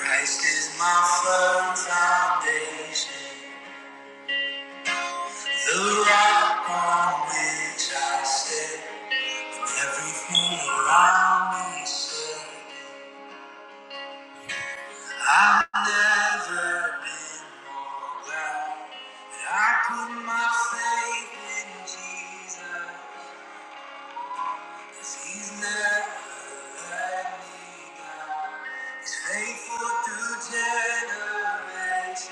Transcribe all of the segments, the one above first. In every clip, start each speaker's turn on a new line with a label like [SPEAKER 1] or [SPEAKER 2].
[SPEAKER 1] Christ is my firm foundation, the rock on which I stand. Everything around me said, I've never been more glad. And I put my faith in Jesus, 'cause He's never let me down. He's faithful through generations,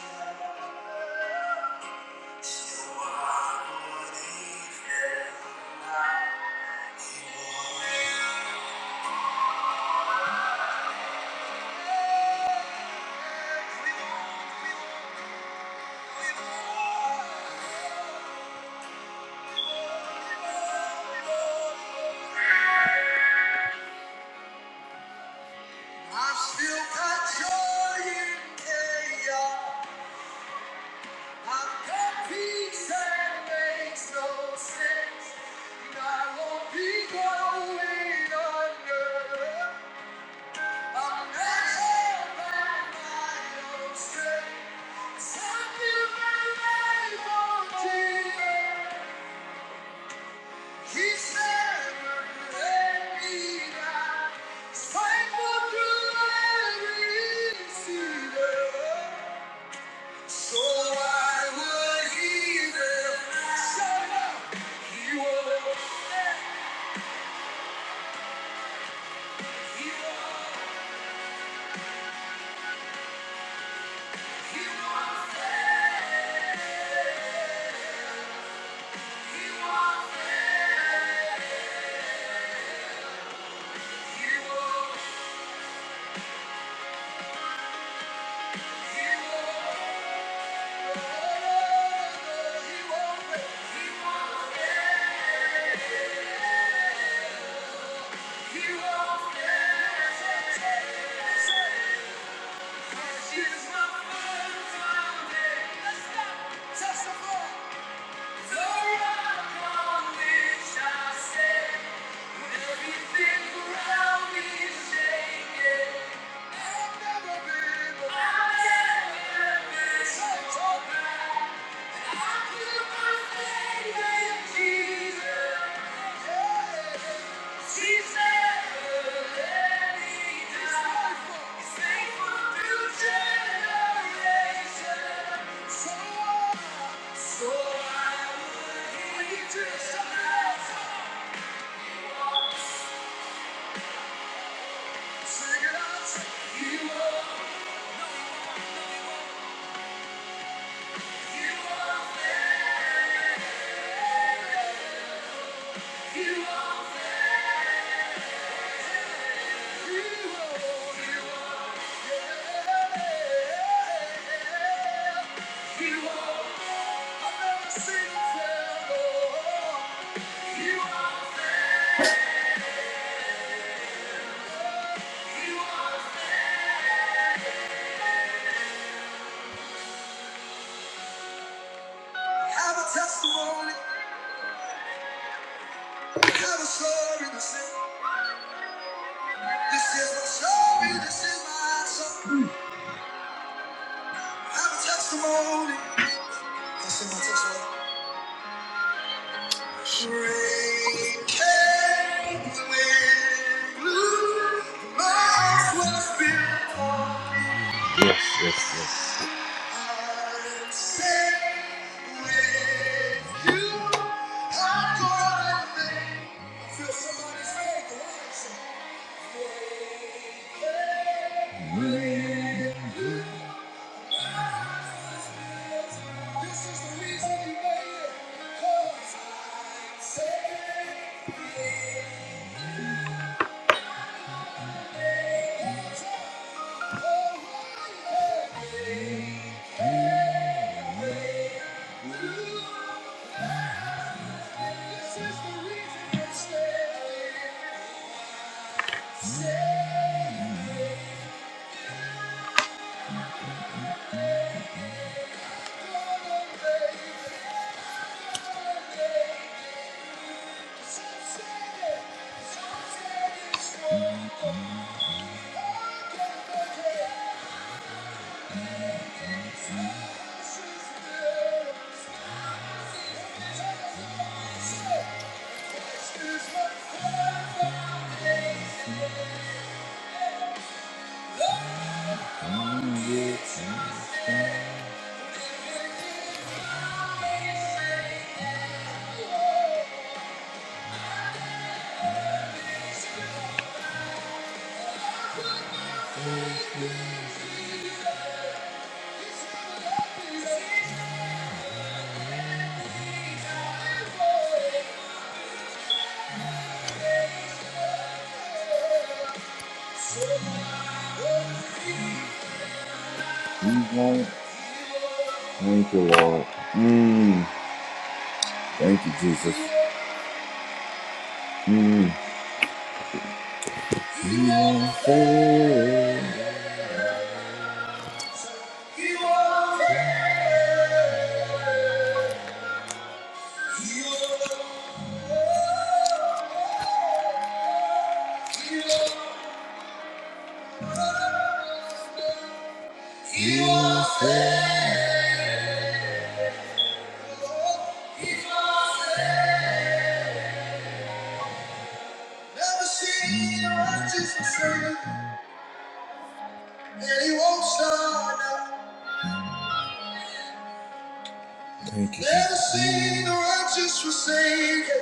[SPEAKER 1] so I would He fail? now? I've still got joy in chaos. I've got peace that makes no sense. And I won't be going under. I'm not held by my own strength. 'Cause I feel the name of Jesus. He won't. Yeah. I've never been, I've never been so you are fair. You are fair. You are. Yes, yes, yes. Thank you. You won't. Thank you, Lord. Mm. Thank you, Jesus. Mm. You won't fail. You won't Never seen a righteous forsaken, and he won't stop now. Thank you, Never seen a righteous forsaken,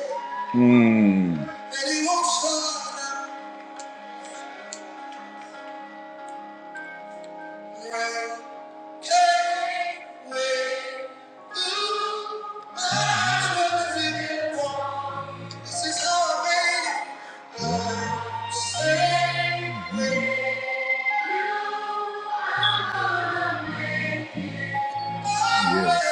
[SPEAKER 1] Mm. and he won't stop now. Rain came with blue eyes, what does it want? This is how I made it. Lord, say, I'm Yes.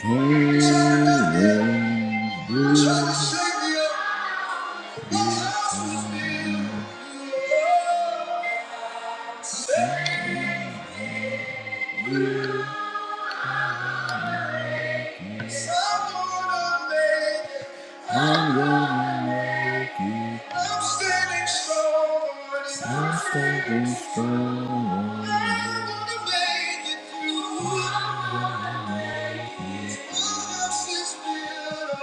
[SPEAKER 1] I Came with blue. I'm gonna make it. I'm standing strong. I'm standing strong. I'm gonna make it through. My house is built.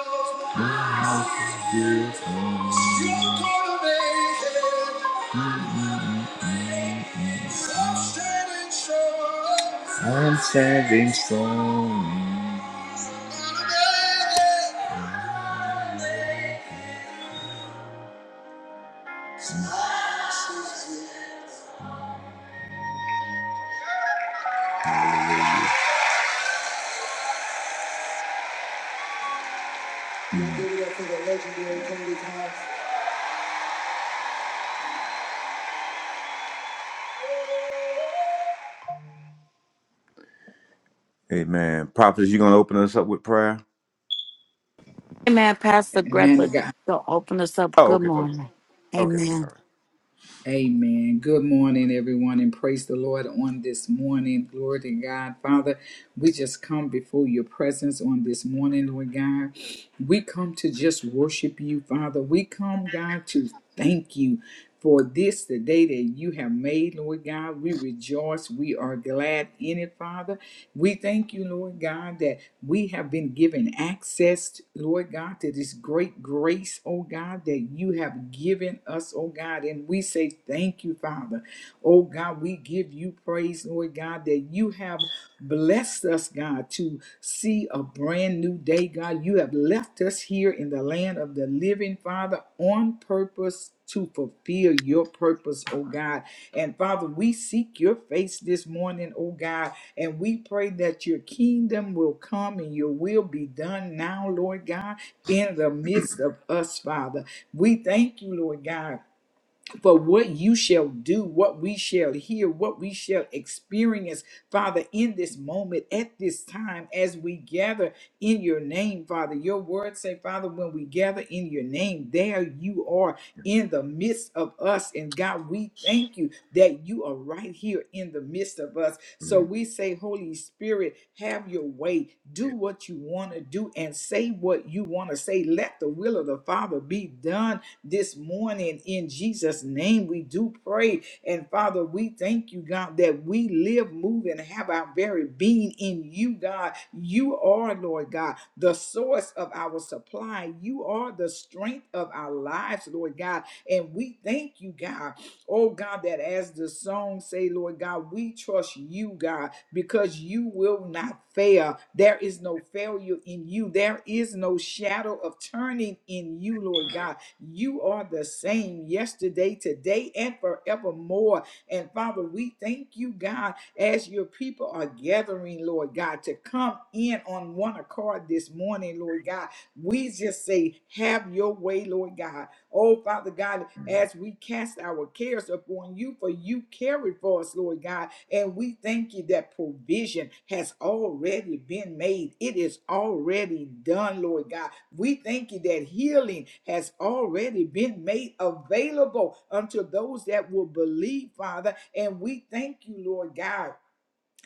[SPEAKER 1] My house is built. You're gonna make it. I'm standing strong. Amen. Prophet, you gonna open us up with prayer?
[SPEAKER 2] Amen, Pastor
[SPEAKER 3] Man
[SPEAKER 2] Greta,
[SPEAKER 3] of God.
[SPEAKER 2] to open us up.
[SPEAKER 1] Oh,
[SPEAKER 2] Good
[SPEAKER 1] okay, okay,
[SPEAKER 2] morning.
[SPEAKER 1] okay. All
[SPEAKER 2] Amen.
[SPEAKER 1] right.
[SPEAKER 3] Amen. Good morning, everyone, and praise the Lord on this morning. Glory to God. Father, we just come before your presence on this morning, Lord God. We come to just worship you, Father. We come, God, to thank you for this, the day that you have made, Lord God. We rejoice. We are glad in it, Father. We thank you, Lord God, that we have been given access, Lord God, to this great grace, oh God, that you have given us, oh God. And we say thank you, Father. Oh God, we give you praise, Lord God, that you have blessed us, God, to see a brand new day, God. You have left us here in the land of the living, Father, on purpose to fulfill your purpose, oh God. And Father, we seek your face this morning, oh God, and we pray that your kingdom will come and your will be done now, Lord God, in the midst of us, Father. We thank you, Lord God for what you shall do, what we shall hear, what we shall experience, Father, in this moment, at this time, as we gather in your name, Father. Your words say, Father, when we gather in your name, there you are in the midst of us. And God, we thank you that you are right here in the midst of us. So
[SPEAKER 1] Mm,
[SPEAKER 3] we say, Holy Spirit, have your way. Do what you want to do and say what you want to say. Let the will of the Father be done this morning. In Jesus' name, we do pray. And Father, we thank you, God, that we live, move, and have our very being in you, God. You are, Lord God, the source of our supply. You are the strength of our lives, Lord God. And we thank you, God. Oh, God, that as the song say, Lord God, we trust you, God, because you will not fail. There is no failure in you. There is no shadow of turning in you, Lord God. You are the same yesterday, today, and forevermore. And Father, we thank you, God, as your people are gathering, Lord God, to come in on one accord this morning, Lord God. We just say, have your way, Lord God. Oh, Father God, as we cast our cares upon you, for you carry for us, Lord God. And we thank you that provision has already been made. It is already done, Lord God. We thank you that healing has already been made available unto those that will believe, Father. And we thank you, Lord God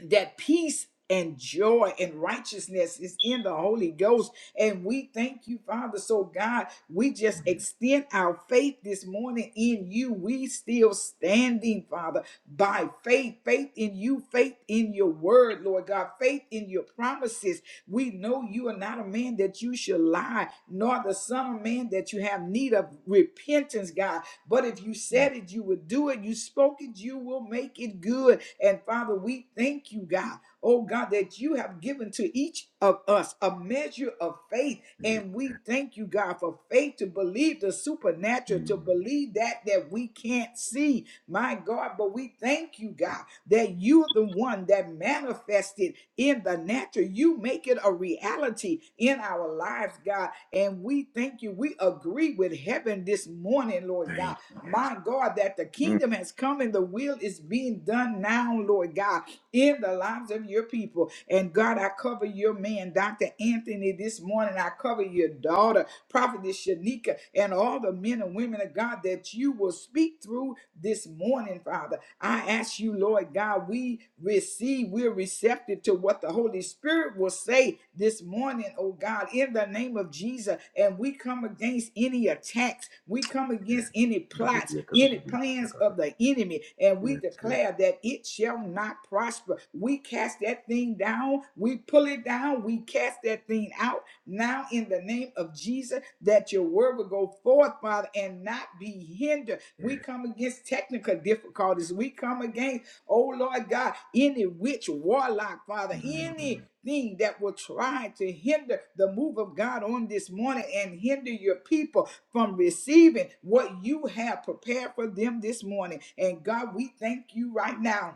[SPEAKER 3] that peace and joy and righteousness is in the Holy Ghost. And we thank you, Father. So, God, we just extend our faith this morning in you. We still standing, Father, by faith, faith in you, faith in your word, Lord God, faith in your promises. We know you are not a man that you should lie, nor the son of man that you have need of repentance repentance, God. But if you
[SPEAKER 1] mm,
[SPEAKER 3] said it, you would do it. You spoke it, you will make it good. And Father, we thank you, God. Oh God, that you have given to each of us a measure of faith.
[SPEAKER 1] yes,
[SPEAKER 3] And we thank you, God, for faith to believe the supernatural, to
[SPEAKER 1] mm,
[SPEAKER 3] believe that that we can't see, my God. But we thank you, God, that you're the one that manifested in the natural factor. You make it a reality in our lives, God. And we thank you. We agree with heaven this morning, Lord
[SPEAKER 1] thank
[SPEAKER 3] God.
[SPEAKER 1] you. Yes.
[SPEAKER 3] My God, that the
[SPEAKER 1] Mm.
[SPEAKER 3] kingdom has come and the will is being done now, Lord God, in the lives of your people. And God, I cover your man, Dr. Anthony, this morning. I cover your daughter, Prophetess Shanika, and all the men and women of God that you will speak through through this morning, Father. I ask you, Lord God, we receive, we're receptive to what the Holy Spirit will say this morning, oh God, in the name of Jesus. And we come against any attacks, we come against any plots, any plans of the enemy, and we
[SPEAKER 1] Yes, yes.
[SPEAKER 3] declare that it shall not prosper. We cast that thing down, we pull it down, we cast that thing out now in the name of Jesus, that your word will go forth, Father, and not be hindered. We come against technical difficulties. We come against, oh Lord God, any witch, warlock, Father, anything that will try to hinder the move of God on this morning and hinder your people from receiving what you have prepared for them this morning. And God, we thank you right now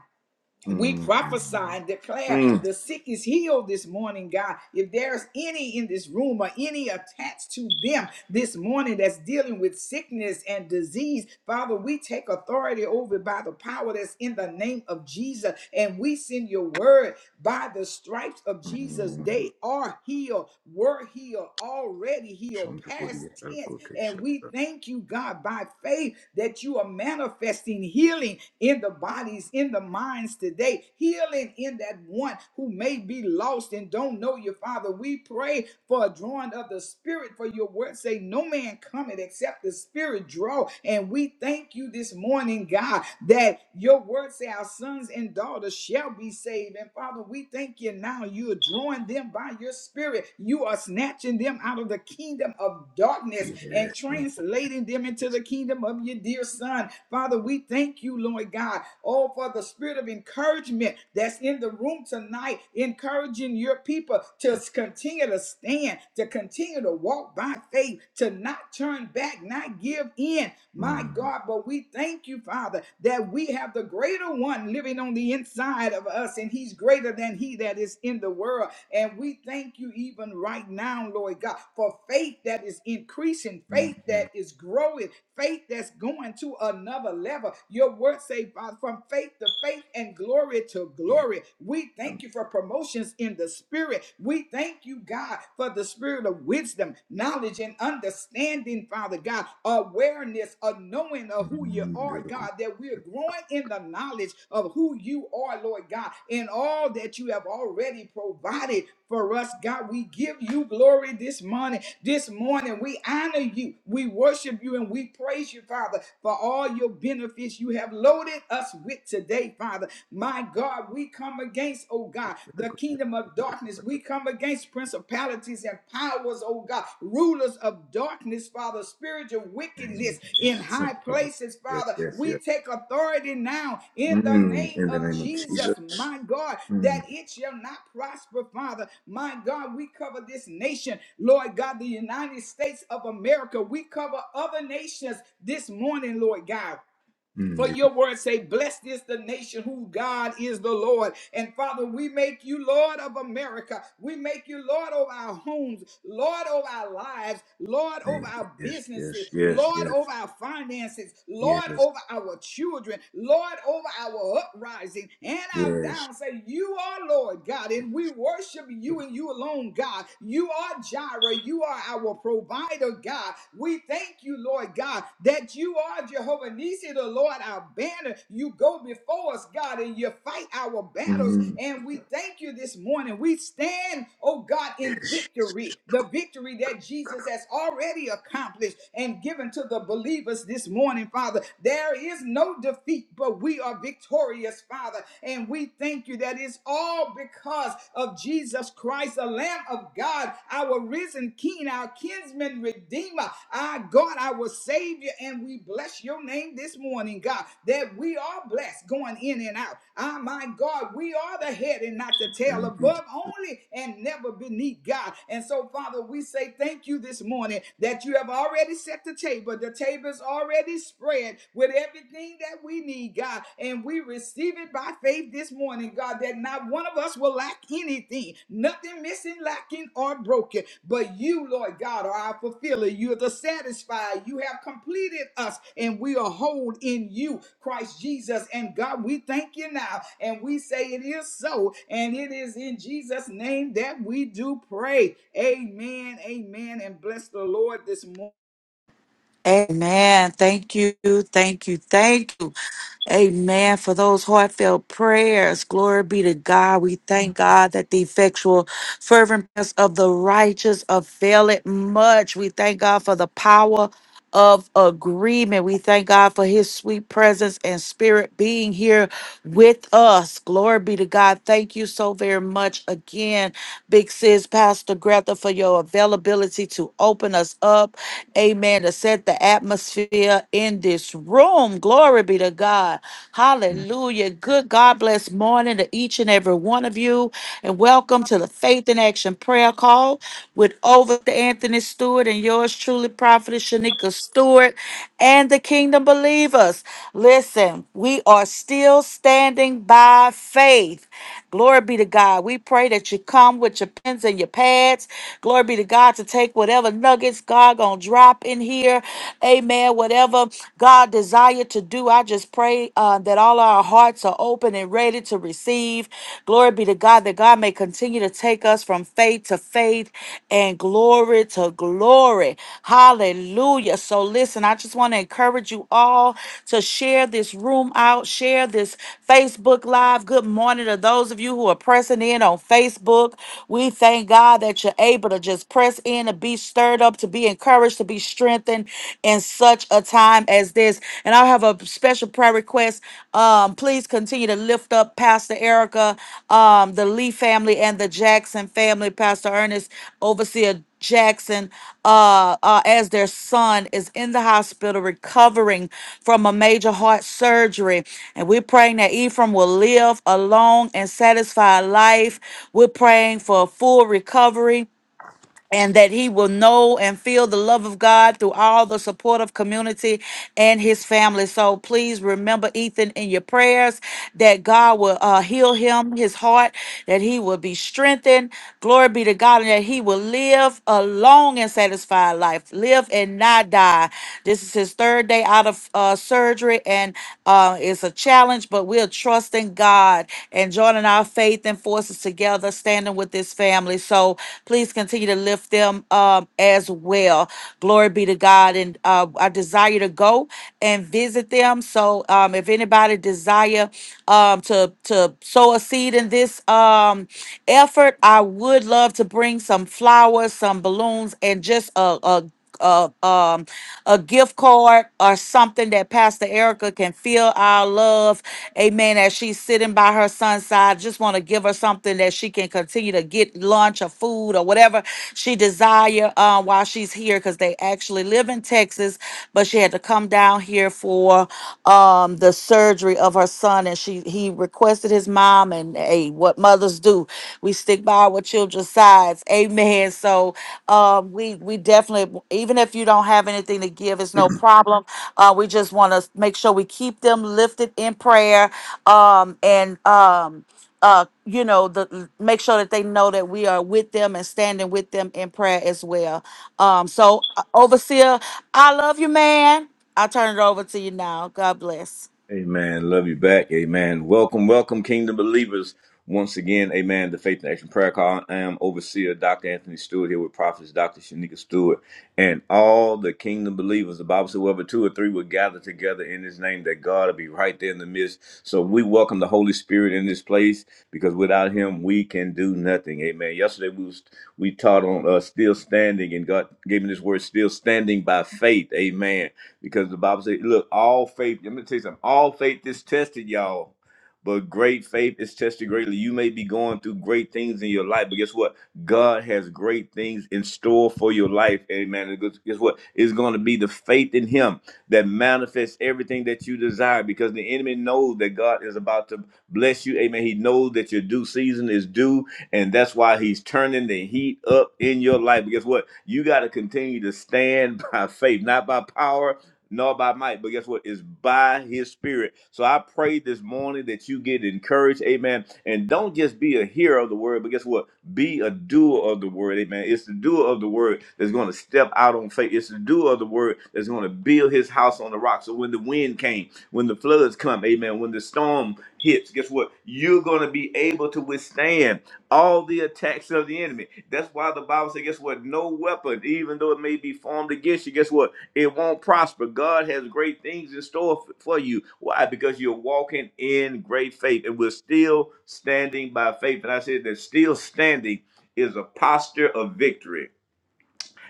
[SPEAKER 3] we
[SPEAKER 1] Mm,
[SPEAKER 3] prophesy
[SPEAKER 1] mm,
[SPEAKER 3] and declare
[SPEAKER 1] mm,
[SPEAKER 3] the sick is healed this morning, God. If there's any in this room or any attached to them this morning that's dealing with sickness and disease, Father, we take authority over by the power that's in the name of Jesus and we send your word by the stripes of Jesus,
[SPEAKER 1] mm.
[SPEAKER 3] they are healed, were healed, already healed, past tense. And we thank you, God, by faith that you are manifesting healing in the bodies, in the minds today, healing in that one who may be lost and don't know you, Father. We pray for a drawing of the Spirit, for your word say, No man cometh except the Spirit draw. And we thank you this morning, God, that your word say our sons and daughters shall be saved. And Father, we thank you now. You are drawing them by your spirit. You are snatching them out of the kingdom of darkness
[SPEAKER 1] Yes.
[SPEAKER 3] and
[SPEAKER 1] mm,
[SPEAKER 3] translating them into the kingdom of your dear son. Father, we thank you, Lord God, all for the spirit of encouragement that's in the room tonight, encouraging your people to s- continue to stand, to continue to walk by faith, to not turn back, not give in, my
[SPEAKER 1] mm,
[SPEAKER 3] God. But we thank you, Father, that we have the greater one living on the inside of us, and he's greater than he that is in the world. And we thank you even right now, Lord God, for faith that is increasing, faith that is growing, faith that's going to another level. Your word say, Father, from faith to faith and glory to
[SPEAKER 1] yeah.
[SPEAKER 3] glory. We thank you for promotions in the spirit. We thank you God, for the spirit of wisdom, knowledge, and understanding, Father God, awareness of knowing of who you
[SPEAKER 1] Mm,
[SPEAKER 3] are,
[SPEAKER 1] Lyrical
[SPEAKER 3] God, that we're growing in the knowledge of who you are, Lord God, in all that you have already provided for us, God. We give you glory this morning. This morning, we honor you, we worship you, and we praise you, Father, for all your benefits you have loaded us with today, Father. My God, we come against, oh God, the kingdom of darkness. We come against principalities and powers, oh God, rulers of darkness, Father, spiritual wickedness
[SPEAKER 1] training.
[SPEAKER 3] in
[SPEAKER 1] Son
[SPEAKER 3] high
[SPEAKER 1] of a-
[SPEAKER 3] places,
[SPEAKER 1] Yes,
[SPEAKER 3] Father.
[SPEAKER 1] yes,
[SPEAKER 3] We
[SPEAKER 1] yes.
[SPEAKER 3] take authority now in the
[SPEAKER 1] Mm,
[SPEAKER 3] name
[SPEAKER 1] in the
[SPEAKER 3] of
[SPEAKER 1] name of
[SPEAKER 3] Jesus,
[SPEAKER 1] Jesus.
[SPEAKER 3] my God,
[SPEAKER 1] Mm,
[SPEAKER 3] that it shall not prosper, Father. My God, we cover this nation, Lord God, the United States of America. We cover other nations this morning, Lord God.
[SPEAKER 1] mm,
[SPEAKER 3] For
[SPEAKER 1] lyrical
[SPEAKER 3] your word say, Blessed is the nation who God is the Lord. And Father, we make you Lord of America. We make you Lord of our homes, Lord of our lives, Lord over
[SPEAKER 1] training.
[SPEAKER 3] our
[SPEAKER 1] Yes, yes,
[SPEAKER 3] businesses,
[SPEAKER 1] yes,
[SPEAKER 3] Lord
[SPEAKER 1] yes,
[SPEAKER 3] over our finances, Lord
[SPEAKER 1] yes,
[SPEAKER 3] over our children, Lord over our uprising and our
[SPEAKER 1] yes.
[SPEAKER 3] down. Say, You are Lord God, and we worship you and you alone, God. You are Jireh. You are our provider provider, God. We thank you, Lord God, that you are Jehovah Nissi, the Lord, our banner. You go before us, God, and you fight our battles.
[SPEAKER 1] Mm,
[SPEAKER 3] And we thank you this morning. We stand, oh God, in
[SPEAKER 1] yes, yes.
[SPEAKER 3] victory, the victory that Jesus has already accomplished and given to the believers this morning, Father. There is no defeat, but we are victorious, Father. And we thank you that it's all because of Jesus Christ, the Lamb of God, our risen King, our kinsman redeemer, our God, our Savior. And we bless your name this morning, God, that we are blessed going in and out. Ah, my God, we are the head and not the tail,
[SPEAKER 1] Thank you.
[SPEAKER 3] above only and never beneath God. And so, Father, we say thank you this morning that you have already set the table. The table is already spread with everything that we need, need, God. And we receive it by faith this morning, God, that not one of us will lack anything, nothing missing, lacking, or broken. But you, Lord God, are our fulfiller. You are the satisfier. You have completed us, and we are whole in you, Christ Jesus. And God, we thank you now. And we say it is so. And it is in Jesus' name that we do pray. Amen. Amen. And bless the Lord this morning.
[SPEAKER 2] Amen. Thank you. Thank you. Thank you. Amen. For those heartfelt prayers, glory be to God. We thank God that the effectual, fervent prayers of the righteous avail it much. We thank God for the power of agreement. We thank God for his sweet presence and spirit being here with us. Glory be to God. Thank you so very much again, Big Sis Pastor Greta, for your availability to open us up. Amen. To set the atmosphere in this this room. Glory be to God.
[SPEAKER 1] Mm.
[SPEAKER 2] Hallelujah. Good God bless morning to each and every one of you. And welcome to the Faith in Action Prayer Call with over Anthony Stewart and yours truly, Prophetess Shanika Stewart and the Kingdom Believers. Listen, we are still standing by faith. Glory be to God. We pray that you come with your pens and your pads. Glory be to God to take whatever nuggets God gonna drop in here prayer. Amen. Whatever God desired to do, I just pray uh, that all our hearts are open and ready to receive. Glory be to God that God may continue to take us from faith to faith and glory to glory. Hallelujah. So listen, I just want to encourage you all to share this room out, share this Facebook Live. Good morning to those of you who are pressing in on Facebook. We thank God that you're able to just press in and be stirred stirred up, to be encouraged, to be strengthened in such a time as this. And I have a special prayer request. Um, please continue to lift up Pastor Erica, um, the Lee family, and the Jackson family, Pastor Ernest, Overseer Jackson, uh, uh, as their son is in the hospital recovering from a major heart surgery. And we're praying that Ephraim will live a long and satisfied life. We're praying for a full recovery and that he will know and feel the love of God through all the supportive community and his family. So please remember Ethan in your prayers that God will uh, heal him, his heart, that he will be strengthened. Glory be to God, and that he will live a long and satisfied life, live and not die. This is his third day out of uh, surgery, and uh, it's a challenge, but we're trusting God. God and joining our faith and forces together, standing with this family. So please continue to lift them um, as well. Glory be to God. And uh, I desire to go and visit them. So um, if anybody desire um, to to sow a seed in this um, effort, I would love to bring some flowers, some balloons, and just a, a a um a gift card or something that Pastor Erica can feel our love. Amen. As she's sitting by her son's side, just want to give her something that she can continue to get lunch or food or whatever she desire uh, while she's here because they actually live in Texas, but she had to come down here for um the surgery of her son and she he requested his mom and hey what mothers do. We stick by our children's sides. Amen. So um, we we definitely, even if you don't have anything to give, it's no problem. Uh, we just want to make sure we keep them lifted in prayer um, and um, uh, you know, the make sure that they know that we are with them and standing with them in prayer as well. Um, so uh, overseer, I love you, man. I'll turn it over to you now. God bless.
[SPEAKER 1] Amen. Love you back. Amen. Welcome, welcome, kingdom believers. Once again, amen, the Faith and Action Prayer Call. I am Overseer Dr. Anthony Stewart here with Prophets Dr. Shanika Stewart and all the kingdom believers. The Bible says, "Whoever two or three will gather together in his name, that God will be right there in the midst. So we welcome the Holy Spirit in this place because without him, we can do nothing. Amen. Yesterday, we was, we taught on uh, still standing, and God gave me this word, still standing by faith. Amen. Because the Bible says, look, all faith, let me tell you something, all faith is tested, y'all but great faith is tested greatly. You may be going through great things in your life, but guess what? God has great things in store for your life. Amen. And guess guess what? It's going to be the faith in Him that manifests everything that you desire because the enemy knows that God is about to bless you. Amen. He knows that your due season is due, and that's why He's turning the heat up in your life. But guess what? You got to continue to stand by faith, not by power, nor by might, but guess what? It's by his spirit. So I pray this morning that you get encouraged, amen. And don't just be a hearer of the word, but guess what? Be a doer of the word, amen. It's the doer of the word that's going to step out on faith. It's the doer of the word that's going to build his house on the rock. So when the wind came, when the floods come, amen, when the storm hits, guess what? You're going to be able to withstand all the attacks of the enemy. That's why the Bible says, guess what? No weapon, even though it may be formed against you, guess what? It won't prosper. God has great things in store f- for you. Why? Because you're walking in great faith and we're still standing by faith. And I said that still standing is a posture of victory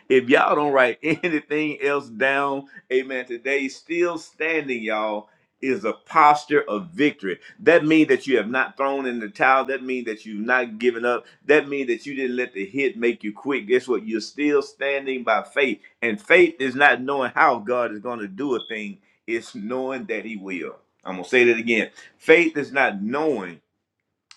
[SPEAKER 1] if y'all don't write anything else down, amen, today still standing, y'all, is a posture of victory. That means that you have not thrown in the towel. That means that you've not given up. That means that you didn't let the hit make you quit. Guess what? You're still standing by faith. And faith is not knowing how God is going to do a thing, it's knowing that He will. I'm going to say that again. Faith is not knowing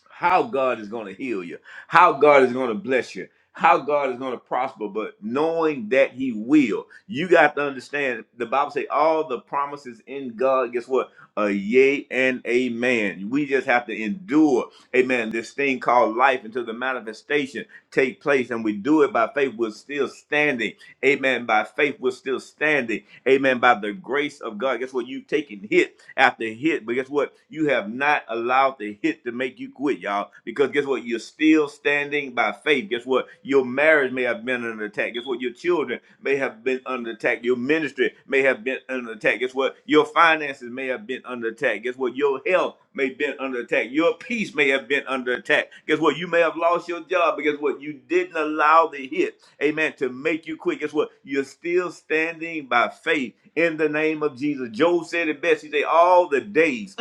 [SPEAKER 1] how God is going to heal you, how God is going to bless you, how God is going to prosper, but knowing that He will. You got to understand the Bible say all the promises in God, guess what? A yea and amen. We just have to endure, amen, this thing called life until the manifestation take place and we do it by faith, we're still standing. Amen. By faith, we're still standing. Amen. By the grace of God. Guess what? You've taken hit after hit, but guess what? You have not allowed the hit to make you quit, y'all. Because guess what? You're still standing by faith. Guess what? Your marriage may have been under attack. Guess what? Your children may have been under attack. Your ministry may have been under attack. Guess what? Your finances may have been under attack. Guess what? Your health may have been under attack. Your peace may have been under attack. Guess what? You may have lost your job, but guess what? You didn't allow the hit, amen, to make you quit. Guess what? You're still standing by faith in the name of Jesus. Job said it best. He said, All the days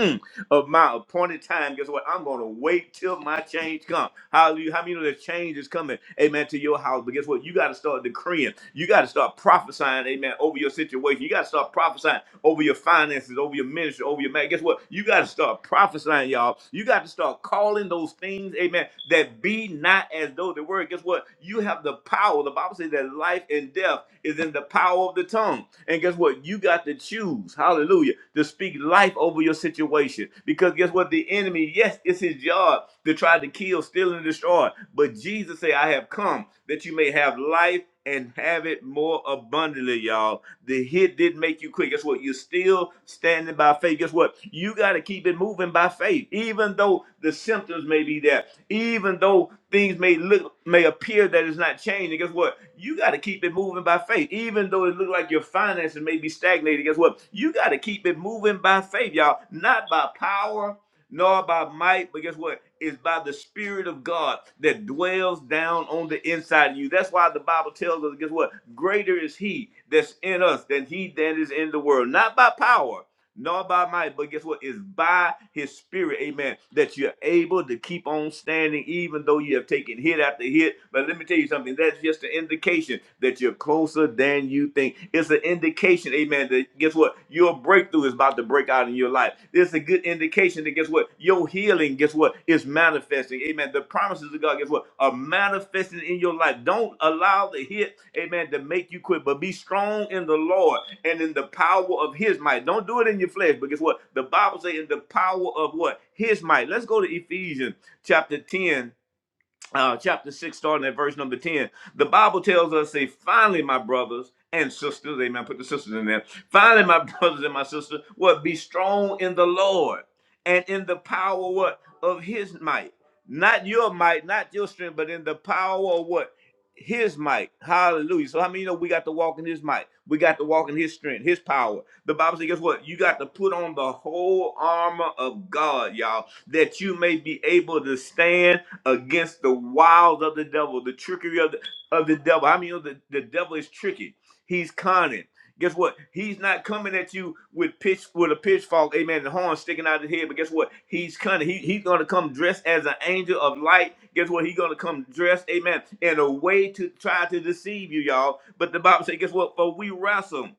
[SPEAKER 1] of my appointed time. Guess what? I'm going to wait till my change comes. Hallelujah. How many know that change is coming? Amen. To your house. But guess what? You got to start decreeing. You got to start prophesying. Amen. Over your situation. You got to start prophesying over your finances, over your ministry, over your man. Guess what? You got to start prophesying, y'all. You got to start calling those things. Amen. That be not as though the word, guess what? You have the power. The Bible says that life and death is in the power of the tongue. And guess what? You got to choose, hallelujah, to speak life over your situation. Because guess what? The enemy, yes, it's his job to try to kill, steal, and destroy. But Jesus said, I have come that you may have life and have it more abundantly, y'all. The hit didn't make you quick. Guess what? You're still standing by faith. Guess what? You got to keep it moving by faith, even though the symptoms may be there, even though things may look may appear that it's not changing. Guess what? You got to keep it moving by faith, even though it looks like your finances may be stagnated. Guess what? You got to keep it moving by faith, y'all, not by power, nor by might, but guess what? It's by the Spirit of God that dwells down on the inside of you. That's why the Bible tells us, guess what? Greater is He that's in us than He that is in the world. Not by power, not by might, but guess what? It's by his spirit, amen, that you're able to keep on standing even though you have taken hit after hit. But let me tell you something, that's just an indication that you're closer than you think. It's an indication, amen, that guess what? Your breakthrough is about to break out in your life. It's a good indication that guess what? Your healing, guess what? Is manifesting, amen. The promises of God, guess what? Are manifesting in your life. Don't allow the hit, amen, to make you quit, but be strong in the Lord and in the power of his might. Don't do it in your flesh, but guess what? The Bible says in the power of what? His might. Let's go to Ephesians chapter 10 uh, chapter 6, starting at verse number 10, the Bible tells us, say, finally, my brothers and sisters, amen, put the sisters in there. Finally, my brothers and my sisters, what? Be strong in the Lord and in the power, what? Of his might. Not your might, not your strength, but in the power of what? His might. Hallelujah. So how many of you know we got to walk in his might? We got to walk in his strength, his power. The Bible says, guess what? You got to put on the whole armor of God, y'all, that you may be able to stand against the wiles of the devil, the trickery of the of the devil. I mean, you know, the, the devil is tricky. He's conning. Guess what? He's not coming at you with pitch with a pitchfork, amen, and horn sticking out of his head. But guess what? He's cunning. He, he's gonna come dressed as an angel of light. Guess what? He's gonna come dressed, amen, in a way to try to deceive you, y'all. But the Bible says, guess what? For we wrestle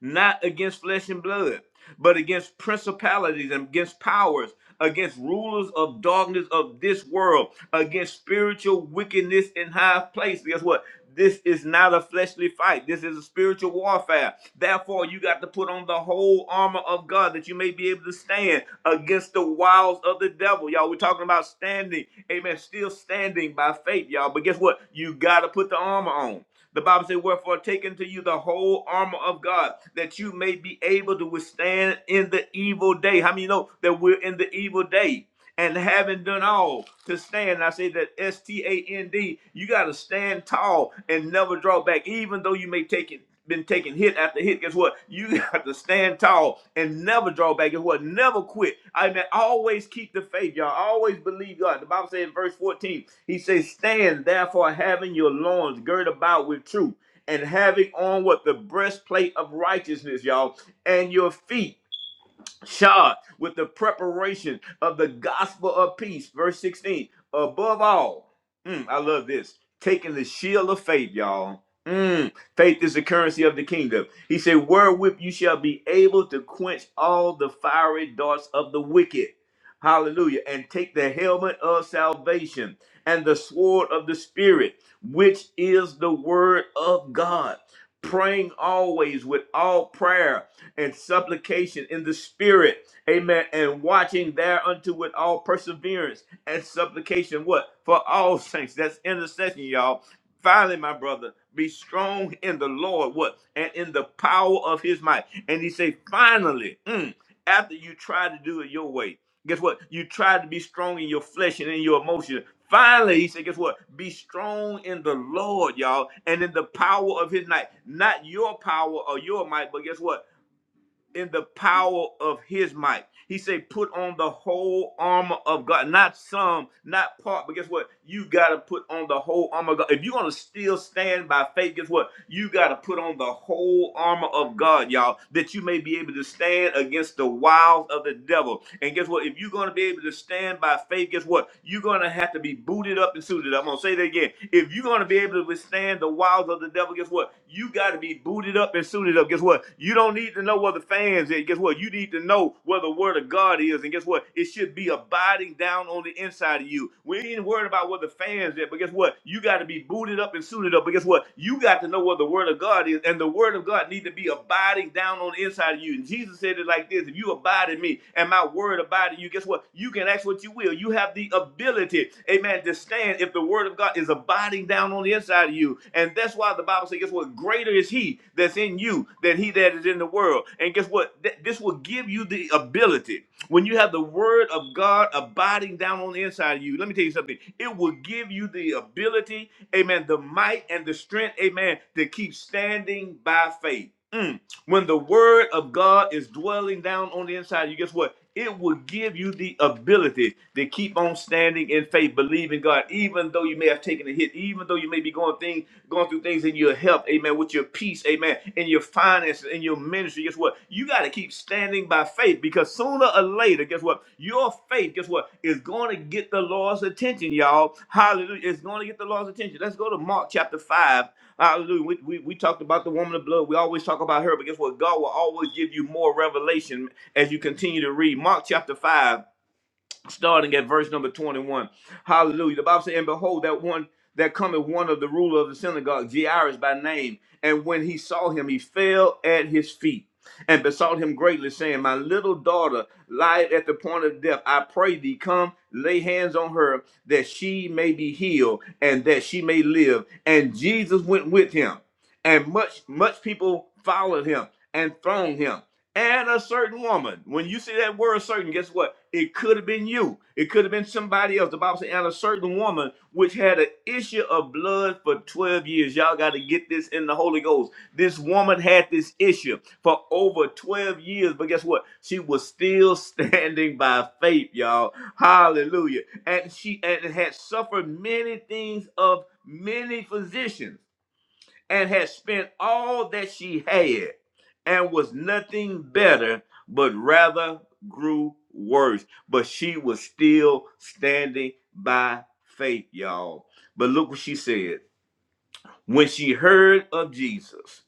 [SPEAKER 1] not against flesh and blood, but against principalities and against powers, against rulers of darkness of this world, against spiritual wickedness in high places. Guess what? This is not a fleshly fight. This is a spiritual warfare. Therefore, you got to put on the whole armor of God that you may be able to stand against the wiles of the devil. Y'all, we're talking about standing, amen, still standing by faith, y'all. But guess what? You got to put the armor on. The Bible says, Wherefore take unto you the whole armor of God, that you may be able to withstand in the evil day. How many know that we're in the evil day? And having done all to stand, I say that S T A N D, you got to stand tall and never draw back, even though you may take it. Been taking hit after hit. Guess what? You got to stand tall and never draw back. Guess what? Never quit. I mean, always keep the faith, y'all. Always believe God. The Bible says in verse 14, he says, Stand therefore, having your loins girt about with truth, and having on what the breastplate of righteousness, y'all, and your feet shod with the preparation of the gospel of peace. Verse 16. Above all, mm, I love this. Taking the shield of faith, y'all. Mm, faith is the currency of the kingdom. He said, wherewith you shall be able to quench all the fiery darts of the wicked. Hallelujah. And take the helmet of salvation and the sword of the Spirit, which is the word of God. Praying always with all prayer and supplication in the spirit. Amen. And watching thereunto with all perseverance and supplication. What? For all saints. That's intercession, y'all. Finally, my brother, be strong in the Lord. What? And in the power of his might. And he say, finally, mm, after you try to do it your way, guess what? You try to be strong in your flesh and in your emotions. Finally, he said, guess what? Be strong in the Lord, y'all, and in the power of his might. Not your power or your might, but guess what? in the power of his might. He said, put on the whole armor of God, not some, not part, but guess what? You got to put on the whole armor of God. If you're going to still stand by faith, guess what? You got to put on the whole armor of God, y'all, that you may be able to stand against the wiles of the devil. And guess what? If you're going to be able to stand by faith, guess what? You're going to have to be booted up and suited. up. I'm going to say that again. If you're going to be able to withstand the wiles of the devil, guess what? You got to be booted up and suited up. Guess what? You don't need to know where the fans is. Guess what? You need to know where the word of God is. And guess what? It should be abiding down on the inside of you. We ain't worried about where the fans is, but guess what? You got to be booted up and suited up. But guess what? You got to know where the word of God is. And the word of God need to be abiding down on the inside of you. And Jesus said it like this: if you abide in me and my word abide in you, guess what? You can ask what you will. You have the ability, amen, to stand if the word of God is abiding down on the inside of you. And that's why the Bible says, guess what? Greater is he that's in you than he that is in the world. And guess what? Th- this will give you the ability. When you have the word of God abiding down on the inside of you, let me tell you something. It will give you the ability, amen, the might and the strength, amen, to keep standing by faith. Mm when the word of God is dwelling down on the inside, of you guess what? It will give you the ability to keep on standing in faith, believing God, even though you may have taken a hit, even though you may be going things, going through things in your health, amen, with your peace, amen, in your finances, in your ministry. Guess what? You got to keep standing by faith because sooner or later, guess what? Your faith, guess what, is going to get the Lord's attention, y'all. Hallelujah. It's going to get the Lord's attention. Let's go to Mark chapter 5 Hallelujah. We, we, we talked about the woman of blood. We always talk about her, but guess what? God will always give you more revelation as you continue to read. Mark chapter 5 starting at verse number 21. Hallelujah. The Bible says, And behold, that one that cometh one of the ruler of the synagogue, Jairus by name. And when he saw him, he fell at his feet and besought him greatly, saying, My little daughter lieth at the point of death. I pray thee, come, lay hands on her, that she may be healed and that she may live. And Jesus went with him, and much, much people followed him and thronged him and a certain woman. When you see that word certain, guess what? It could have been you. It could have been somebody else. The Bible says, and a certain woman which had an issue of blood for 12 years. Y'all got to get this in the Holy Ghost. This woman had this issue for over 12 years, but guess what? She was still standing by faith, y'all. Hallelujah. And she and had suffered many things of many physicians and had spent all that she had and was nothing better, but rather grew worse. But she was still standing by faith, y'all. But look what she said. When she heard of Jesus,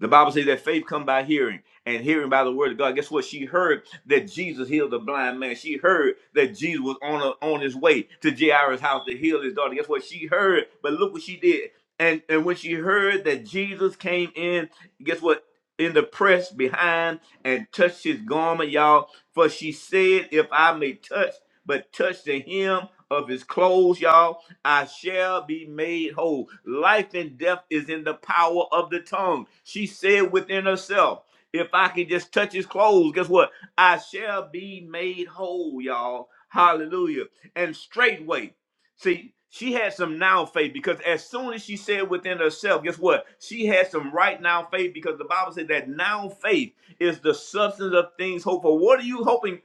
[SPEAKER 1] the Bible says that faith come by hearing, and hearing by the word of God. Guess what? She heard that Jesus healed the blind man. She heard that Jesus was on a, on his way to Jairus' house to heal his daughter. Guess what? She heard, but look what she did. And and when she heard that Jesus came in, guess what? In the press behind and touched his garment, y'all. For she said, "If I may touch, but touch the hem of his clothes, y'all." I shall be made whole. Life and death is in the power of the tongue. She said within herself, if I can just touch his clothes, guess what? I shall be made whole, y'all. Hallelujah. And straightway, See, she had some now faith because as soon as she said within herself, guess what? She had some right now faith because the Bible said that now faith is the substance of things hoped for. What are you hoping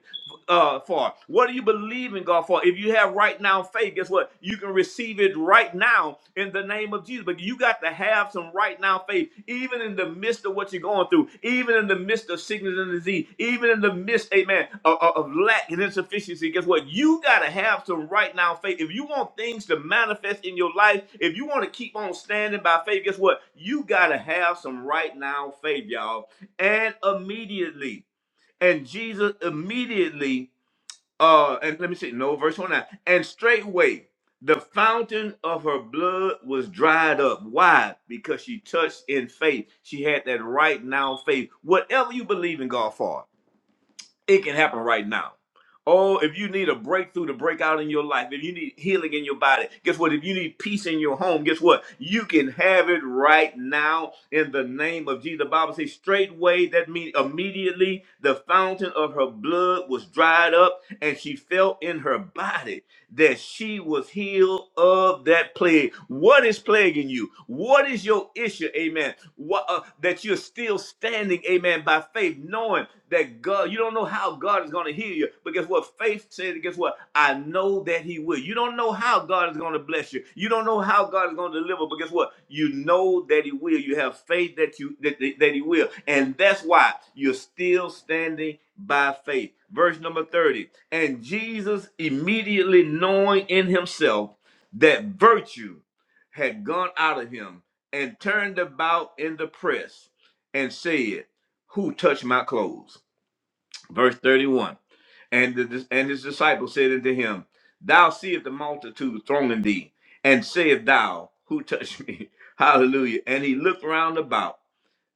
[SPEAKER 1] uh, for? What are you believing God for? If you have right now faith, guess what? You can receive it right now in the name of Jesus. But you got to have some right now faith, even in the midst of what you're going through, even in the midst of sickness and disease, even in the midst, amen, of, of of lack and insufficiency. Guess what? You got to have some right now faith. If you want things to manifest in your life, if you want to keep on standing by faith, guess what? You got to have some right now faith, y'all. And immediately, and Jesus immediately uh and let me see no verse 29 and straightway the fountain of her blood was dried up why because she touched in faith she had that right now faith whatever you believe in god for it can happen right now. Oh, if you need a breakthrough to break out in your life, if you need healing in your body, guess what? If you need peace in your home, guess what? You can have it right now in the name of Jesus. The Bible says, straightway, that means immediately the fountain of her blood was dried up and she felt in her body that she was healed of that plague. What is plaguing you? What is your issue? Amen. What uh, that you're still standing, amen, by faith, knowing that God, you don't know how God is going to heal you, but guess what? Faith said, guess what? I know that He will. You don't don't know how God is going to bless you. You don't know how God is going to deliver. But guess what? You know that He will. You have faith that you that, that that He will, and that's why you're still standing by faith. Verse number thirty. And Jesus, immediately knowing in Himself that virtue had gone out of him, and turned about in the press and said, "Who touched my clothes?" verse 31 and the, and his disciples said unto him thou seest the multitude thronging thee and sayest thou who touched me hallelujah and he looked round about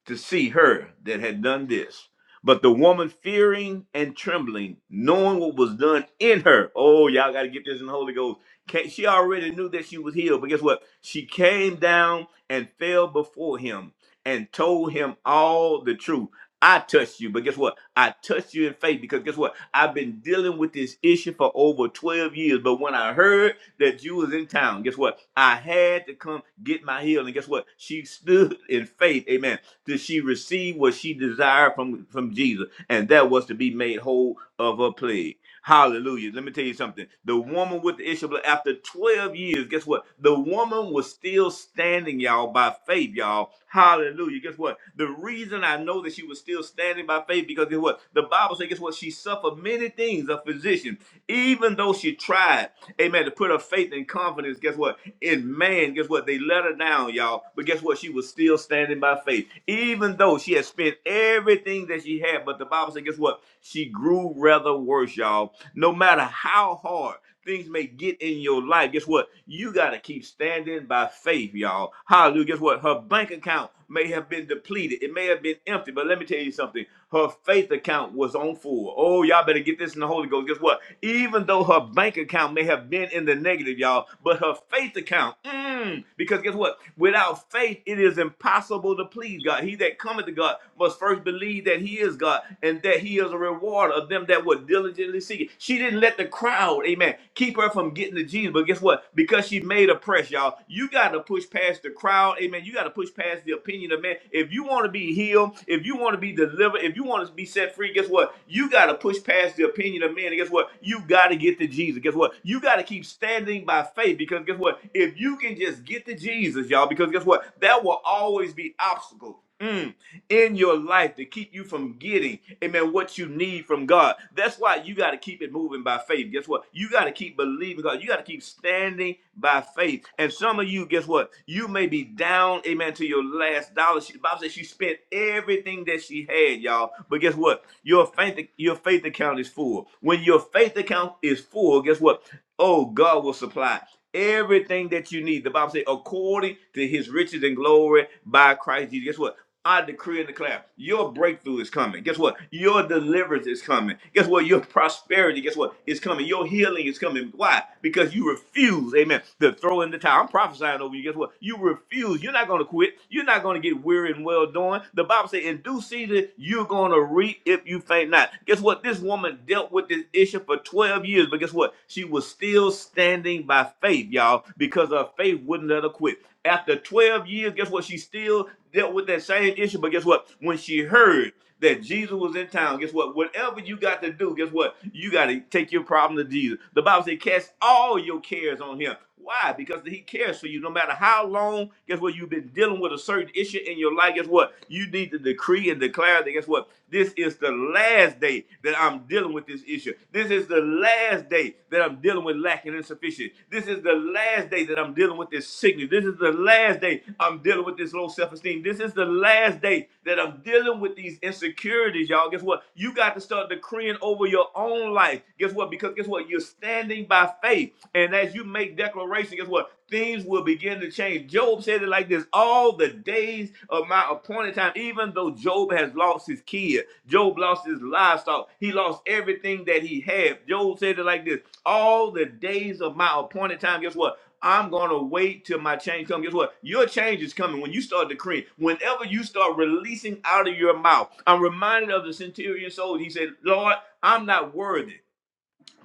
[SPEAKER 1] to see her that had done this. But the woman, fearing and trembling, knowing what was done in her, oh, y'all got to get this in the Holy Ghost. Ca- She already knew that she was healed, but guess what? She came down and fell before him and told him all the truth. I touched you, but guess what? I touched you in faith because guess what? I've been dealing with this issue for over 12 years. But when I heard that you was in town, guess what? I had to come get my healing. Guess what? She stood in faith. Amen did she receive what she desired from, from Jesus? And that was to be made whole of her plague. Hallelujah. Let me tell you something. The woman with the issue of blood, after 12 years, guess what? The woman was still standing, y'all, by faith, y'all. Hallelujah. Guess what? The reason I know that she was still standing by faith because guess what? The Bible says, guess what? She suffered many things, a physician, even though she tried, amen, to put her faith and confidence, guess what? in man, guess what? They let her down, y'all. But guess what? She was still standing by faith. Even though she had spent everything that she had, but the Bible said, guess what? She grew rather worse, y'all. No matter how hard things may get in your life, guess what? You got to keep standing by faith, y'all. Hallelujah. Guess what? Her bank account may have been depleted. It may have been empty, but let me tell you something. Her faith account was on full. Oh, y'all better get this in the Holy Ghost. Guess what? Even though her bank account may have been in the negative, y'all, but her faith account, mm, because guess what? Without faith, it is impossible to please God. He that cometh to God must first believe that he is God and that he is a rewarder reward of them that would diligently seek it. She didn't let the crowd, amen, keep her from getting to Jesus. But guess what? Because she made a press, y'all. You got to push past the crowd, amen. You got to push past the opinion of man. If you want to be healed, if you want to be delivered, if you want to be set free, guess what? You got to push past the opinion of men. And guess what? You got to get to Jesus. Guess what? You got to keep standing by faith because guess what? If you can just get to Jesus, y'all, because guess what? There will always be obstacles. Mm in your life to keep you from getting, amen, what you need from God. That's why you got to keep it moving by faith. Guess what? You got to keep believing God. You got to keep standing by faith. And some of you, guess what? You may be down, amen, to your last dollar. She, the Bible says she spent everything that she had, y'all. But guess what? Your faith, your faith account is full. When your faith account is full, guess what? Oh, God will supply everything that you need. The Bible says, according to his riches and glory by Christ Jesus. Guess what? I decree and declare your breakthrough is coming. Guess what? Your deliverance is coming. Guess what? Your prosperity, guess what? Is coming. Your healing is coming. Why? Because you refuse, amen, to throw in the towel. I'm prophesying over you. Guess what? You refuse. You're not going to quit. You're not going to get weary and well doing. The Bible says, in due season, you're going to reap if you faint not. Guess what? This woman dealt with this issue for 12 years, but guess what? She was still standing by faith, y'all, because her faith wouldn't let her quit. After 12 years, guess what? She still dealt with that same issue. But guess what? When she heard that Jesus was in town, guess what? Whatever you got to do, guess what? You got to take your problem to Jesus. The Bible says, cast all your cares on him. Why? Because he cares for you. No matter how long, guess what? You've been dealing with a certain issue in your life. Guess what? You need to decree and declare that, guess what? This is the last day that I'm dealing with this issue. This is the last day that I'm dealing with lacking insufficient. This is the last day that I'm dealing with with this sickness. This is the last day I'm dealing with this low self esteem. This is the last day that I'm dealing with these insecurities, y'all. Guess what? You got to start decreeing over your own life. Guess what? Because guess what? You're standing by faith. And as you make declaration, guess what? Things will begin to change. Job said it like this all the days of my appointed time, even though Job has lost his kid, Job lost his livestock, he lost everything that he had. Job said it like this all the days of my appointed time. Guess what? I'm gonna wait till my change comes. Guess what? Your change is coming when you start decreeing. Whenever you start releasing out of your mouth, I'm reminded of the centurion soldier. He said, "Lord, I'm not worthy."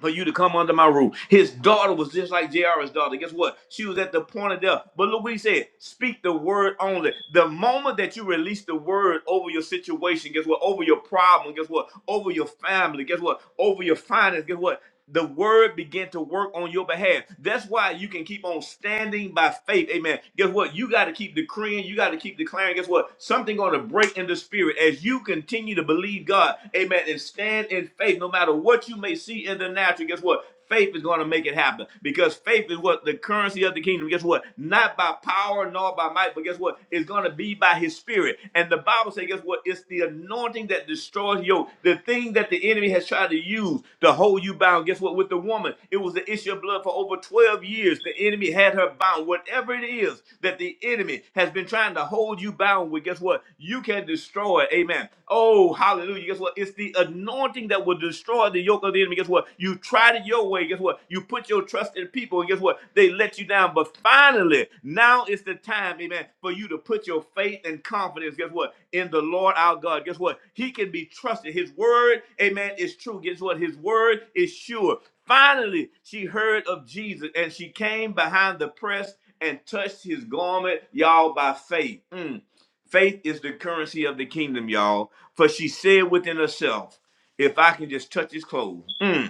[SPEAKER 1] For you to come under my roof. His daughter was just like JR's daughter. Guess what? She was at the point of death. But look what he said speak the word only. The moment that you release the word over your situation, guess what? Over your problem, guess what? Over your family, guess what? Over your finance, guess what? the word begin to work on your behalf. That's why you can keep on standing by faith. Amen. Guess what? You got to keep decreeing. You got to keep declaring. Guess what? Something going to break in the spirit as you continue to believe God. Amen. And stand in faith no matter what you may see in the natural. Guess what? Faith is going to make it happen because faith is what the currency of the kingdom. Guess what? Not by power nor by might, but guess what? It's going to be by his spirit. And the Bible says, guess what? It's the anointing that destroys yoke. The thing that the enemy has tried to use to hold you bound. Guess what? With the woman, it was the issue of blood for over 12 years. The enemy had her bound. Whatever it is that the enemy has been trying to hold you bound with, guess what? You can destroy it. Amen. Oh, hallelujah. Guess what? what? It's the anointing that will destroy the yoke of the enemy. Guess what? You tried it your way. Guess what? You put your trust in people, and guess what? They let you down. But finally, now is the time, amen, for you to put your faith and confidence, guess what? In the Lord our God. Guess what? He can be trusted. His word, amen, is true. Guess what? His word is sure. Finally, she heard of Jesus and she came behind the press and touched his garment, y'all, by faith. Mm. Faith is the currency of the kingdom, y'all. For she said within herself, if I can just touch his clothes. mm,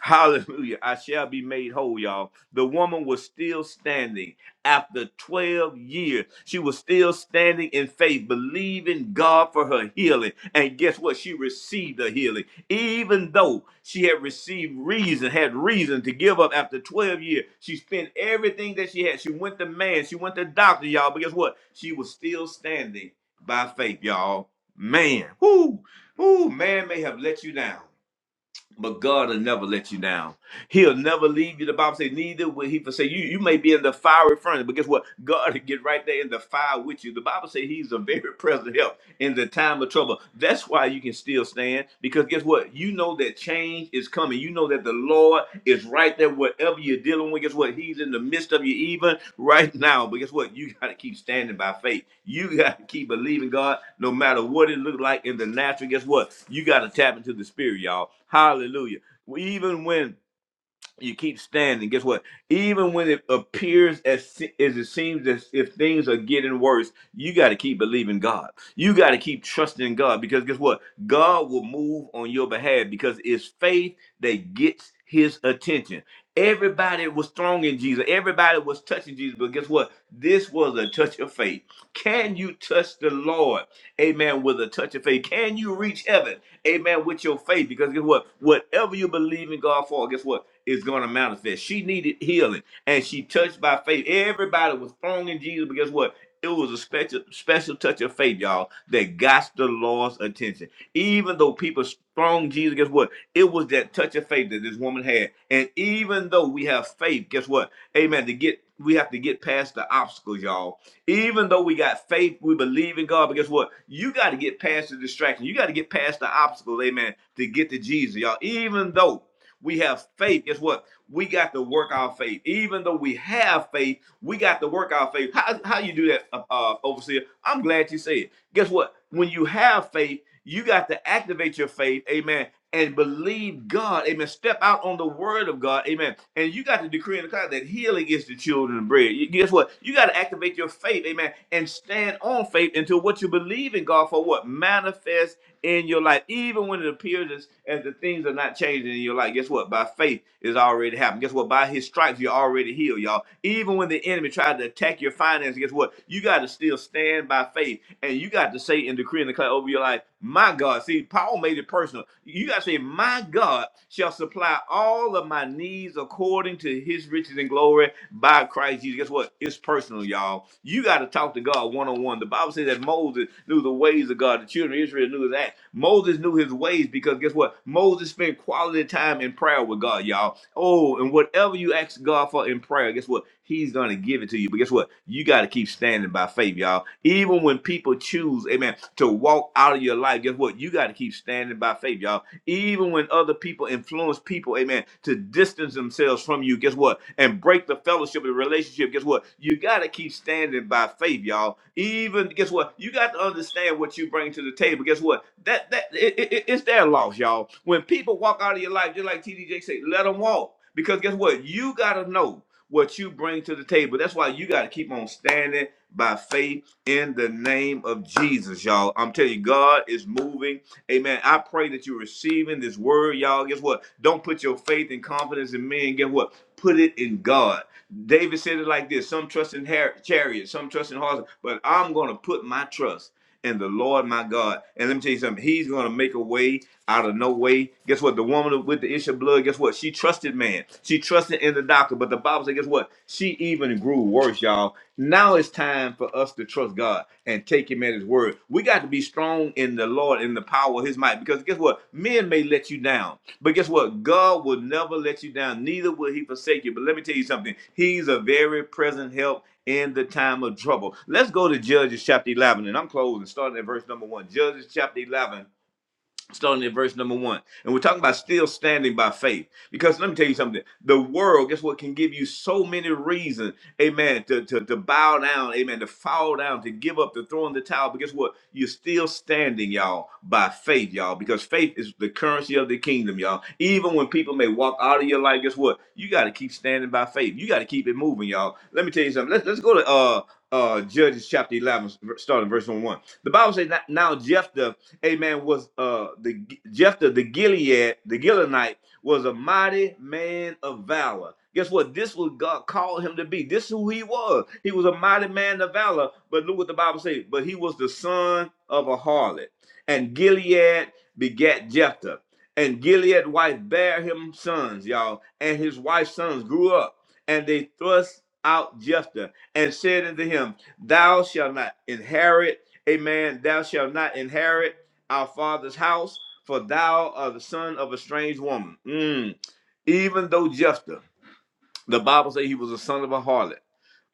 [SPEAKER 1] Hallelujah. I shall be made whole, y'all. The woman was still standing after 12 years. She was still standing in faith, believing God for her healing. And guess what? She received a healing. Even though she had received reason, had reason to give up after 12 years, she spent everything that she had. She went to man, she went to doctor, y'all. But guess what? She was still standing by faith, y'all. Man, whoo, whoo, man may have let you down but God will never let you down. He'll never leave you. The Bible says, neither will he forsake you. You may be in the fiery furnace, but guess what? God will get right there in the fire with you. The Bible says he's a very present help in the time of trouble. That's why you can still stand because guess what? You know that change is coming. You know that the Lord is right there, whatever you're dealing with. Guess what? He's in the midst of you even right now. But guess what? You got to keep standing by faith. You got to keep believing God no matter what it looks like in the natural. Guess what? You got to tap into the spirit, y'all. Hallelujah. Even when you keep standing. Guess what? Even when it appears as se- as it seems as if things are getting worse, you got to keep believing God. You got to keep trusting God because guess what? God will move on your behalf because it's faith that gets His attention. Everybody was strong in Jesus. Everybody was touching Jesus, but guess what? This was a touch of faith. Can you touch the Lord? Amen. With a touch of faith, can you reach heaven? Amen. With your faith, because guess what? Whatever you believe in God for, guess what? is going to manifest. She needed healing, and she touched by faith. Everybody was thrown in Jesus, but guess what? It was a special, special touch of faith, y'all, that got the Lord's attention. Even though people thrown Jesus, guess what? It was that touch of faith that this woman had. And even though we have faith, guess what? Amen. To get, we have to get past the obstacles, y'all even though we got faith, we believe in God. But guess what? You got to get past the distraction. You got to get past the obstacles, amen, to get to Jesus, y'all. Even though we have faith. Guess what? We got to work our faith. Even though we have faith, we got to work our faith. How, how you do that, uh, uh, overseer? I'm glad you said. it. Guess what? When you have faith, you got to activate your faith. Amen and believe God. Amen. Step out on the word of God. Amen. And you got to decree in the cloud that healing is the children of bread. You, guess what? You got to activate your faith. Amen. And stand on faith until what you believe in God for what manifests in your life, even when it appears as, as the things are not changing in your life. Guess what? By faith is already happened. Guess what? By his stripes, you're already healed, y'all. Even when the enemy tried to attack your finances, guess what? You got to to still stand by faith and you got to say and decree and declare over your life, my God. See, Paul made it personal. You got to say, my God shall supply all of my needs according to his riches and glory by Christ Jesus. Guess what? It's personal, y'all. You got to talk to God one on one. The Bible says that Moses knew the ways of God. The children of Israel knew his acts. Moses knew his ways because guess what? Moses spent quality time in prayer with God, y'all. Oh, and whatever you ask God for in prayer, guess what? He's going to give it to you. But guess what? You got to keep standing by faith, y'all. Even when people choose, amen, to walk out of your life, guess what? You got to keep standing by faith, y'all even when other people influence people, amen, to distance themselves from you, guess what? And break the fellowship and relationship, guess what? You got to keep standing by faith, y'all. Even, guess what? You got to understand what you bring to the table. Guess what? That, that, it, it, it- it's their loss, y'all. When people walk out of your life, just like TDJ say, let them walk. Because guess what? You got to know what you bring to the table. That's why you got to keep on standing by faith in the name of Jesus, y'all. I'm telling you, God is moving Amen. I pray that you're receiving this word, y'all. Guess what? Don't put your faith and confidence in men. Guess what? Put it in God. David said it like this: Some trust in har- chariots, some trust in horses, but I'm going to put my trust in the Lord my God. And let me tell you something: He's going to make a way out of no way. Guess what? The woman with the issue of blood. Guess what? She trusted man. She trusted in the doctor. But the Bible said, guess what? She even grew worse, y'all. Now it's time for us to trust God and take Him at His word. We got to be strong in the Lord and the power of His might. Because guess what? Men may let you down, but guess what? God will never let you down. Neither will He forsake you. But let me tell you something. He's a very present help in the time of trouble. Let's go to Judges chapter 11, and I'm closing, starting at verse number one. Judges chapter 11 starting at verse number one. And we're talking about still standing by faith. Because let me tell you something. The world, guess what, can give you so many reasons, amen, to, to, to bow down, amen, to fall down, to give up, to throw in the towel. But guess what? You're still standing, y'all, by faith, y'all. Because faith is the currency of the kingdom, y'all. Even when people may walk out of your life, guess what? You got to keep standing by faith. You got to keep it moving, y'all. Let me tell you something. Let's, let's go to uh uh Judges chapter 11, starting verse 1. The Bible says, Now Jephthah amen, was uh the Jephthah the Gilead, the Gileonite, was a mighty man of valor. Guess what? This was God called him to be. This is who he was. He was a mighty man of valor. But look what the Bible says. But he was the son of a harlot. And Gilead begat Jephthah. And Gilead's wife bare him sons, y'all. And his wife's sons grew up. And they thrust out Jephthah and said unto him, Thou shalt not inherit Amen. Thou shalt not inherit our father's house, for thou art the son of a strange woman. Mm. Even though Jephthah, the Bible says he was a son of a harlot.